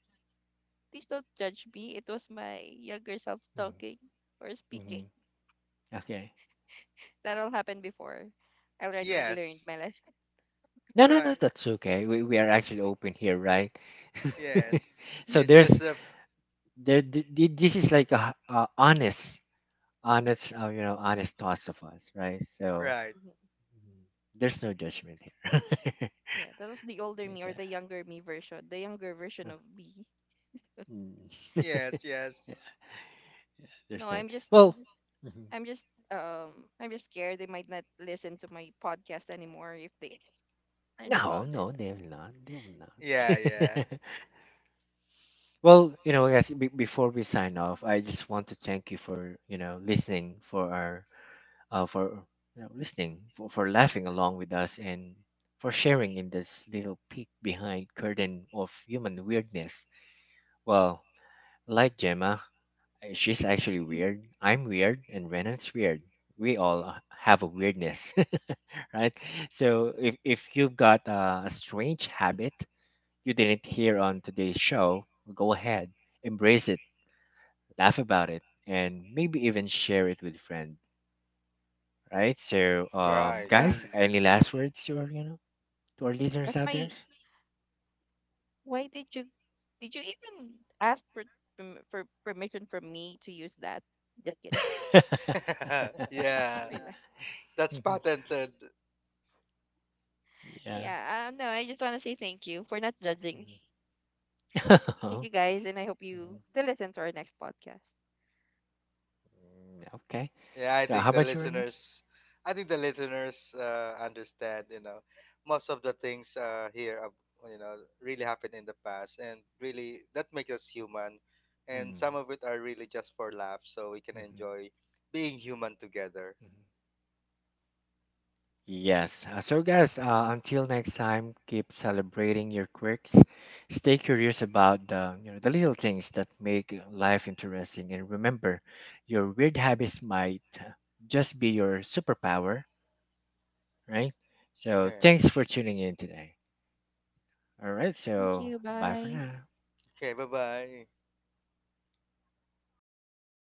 C: Please don't judge me. It was my younger self talking
A: Mm-hmm.
C: or speaking.
A: Mm-hmm. Okay.
C: That all happened before. I already learned my
B: Yes.
C: lesson.
A: No, no, no,
B: Right.
A: that's okay, we are actually open here, right?
B: Yes.
C: Yeah.
A: So
B: It's
A: there's
B: just a
A: there, this is like a honest, you know, honest thoughts of us, right? So
B: right.
C: Mhm.
A: mm, there's no judgment here.
C: Yeah, that was the older me, or
A: Okay.
C: the younger me version, the younger version of me.
A: Mm.
B: Yes.
A: Yeah,
B: Yes.
C: No,
A: understand. Well, mhm.
C: I'm just scared they might not listen to my podcast anymore if they learned
A: No,
C: about it.
A: no, they will not. They will
B: Yeah. Yeah.
A: not. Well, you know, guys, be before we sign off, I just want to thank you for you know listening for our for you know, listening, for laughing along with us, and for sharing in this little peek behind curtain of human weirdness. Well, like Gemma, eh, she's actually
C: Mhm.
A: weird. I'm weird, and Renan's weird. We all have a weirdness, right? So if you've got a strange habit you didn't hear on today's show, go ahead, embrace it, laugh about it, and maybe even share it with friends. Right? So,
B: Right.
A: guys, any last words to our, you know, to our listeners
C: That's
A: out there?
C: my Why did you even ask for permission from me to use that? Just kidding. That's
B: Yeah.
C: my life.
B: That's
A: Mhm.
B: patented.
A: Yeah.
C: Yeah, no, I just want to say thank you for not judging me.
A: Mhm.
C: Thank you, guys, and I hope you
A: Mhm.
C: still listen to our next podcast.
A: Mm, okay.
B: Yeah, I
A: So,
B: think
A: how
B: the
A: about you, Rena?
B: listeners, I think the listeners understand. You know, most of the things here, you know, really happened in the past, and really that makes us human. And
A: Mhm.
B: some of it are really just for laughs, so we can
A: Mhm. Mhm.
B: enjoy being human together.
A: Yes. So, guys, until next time, keep celebrating your quirks. Stay curious about the, you know, the little things that make life interesting, and remember, your weird habits might just be your superpower. Right? So
B: Yeah.
A: thanks for tuning in today. All right,
C: Thank
A: so
C: you.
A: bye for
C: Bye.
A: now.
B: Okay. Bye bye.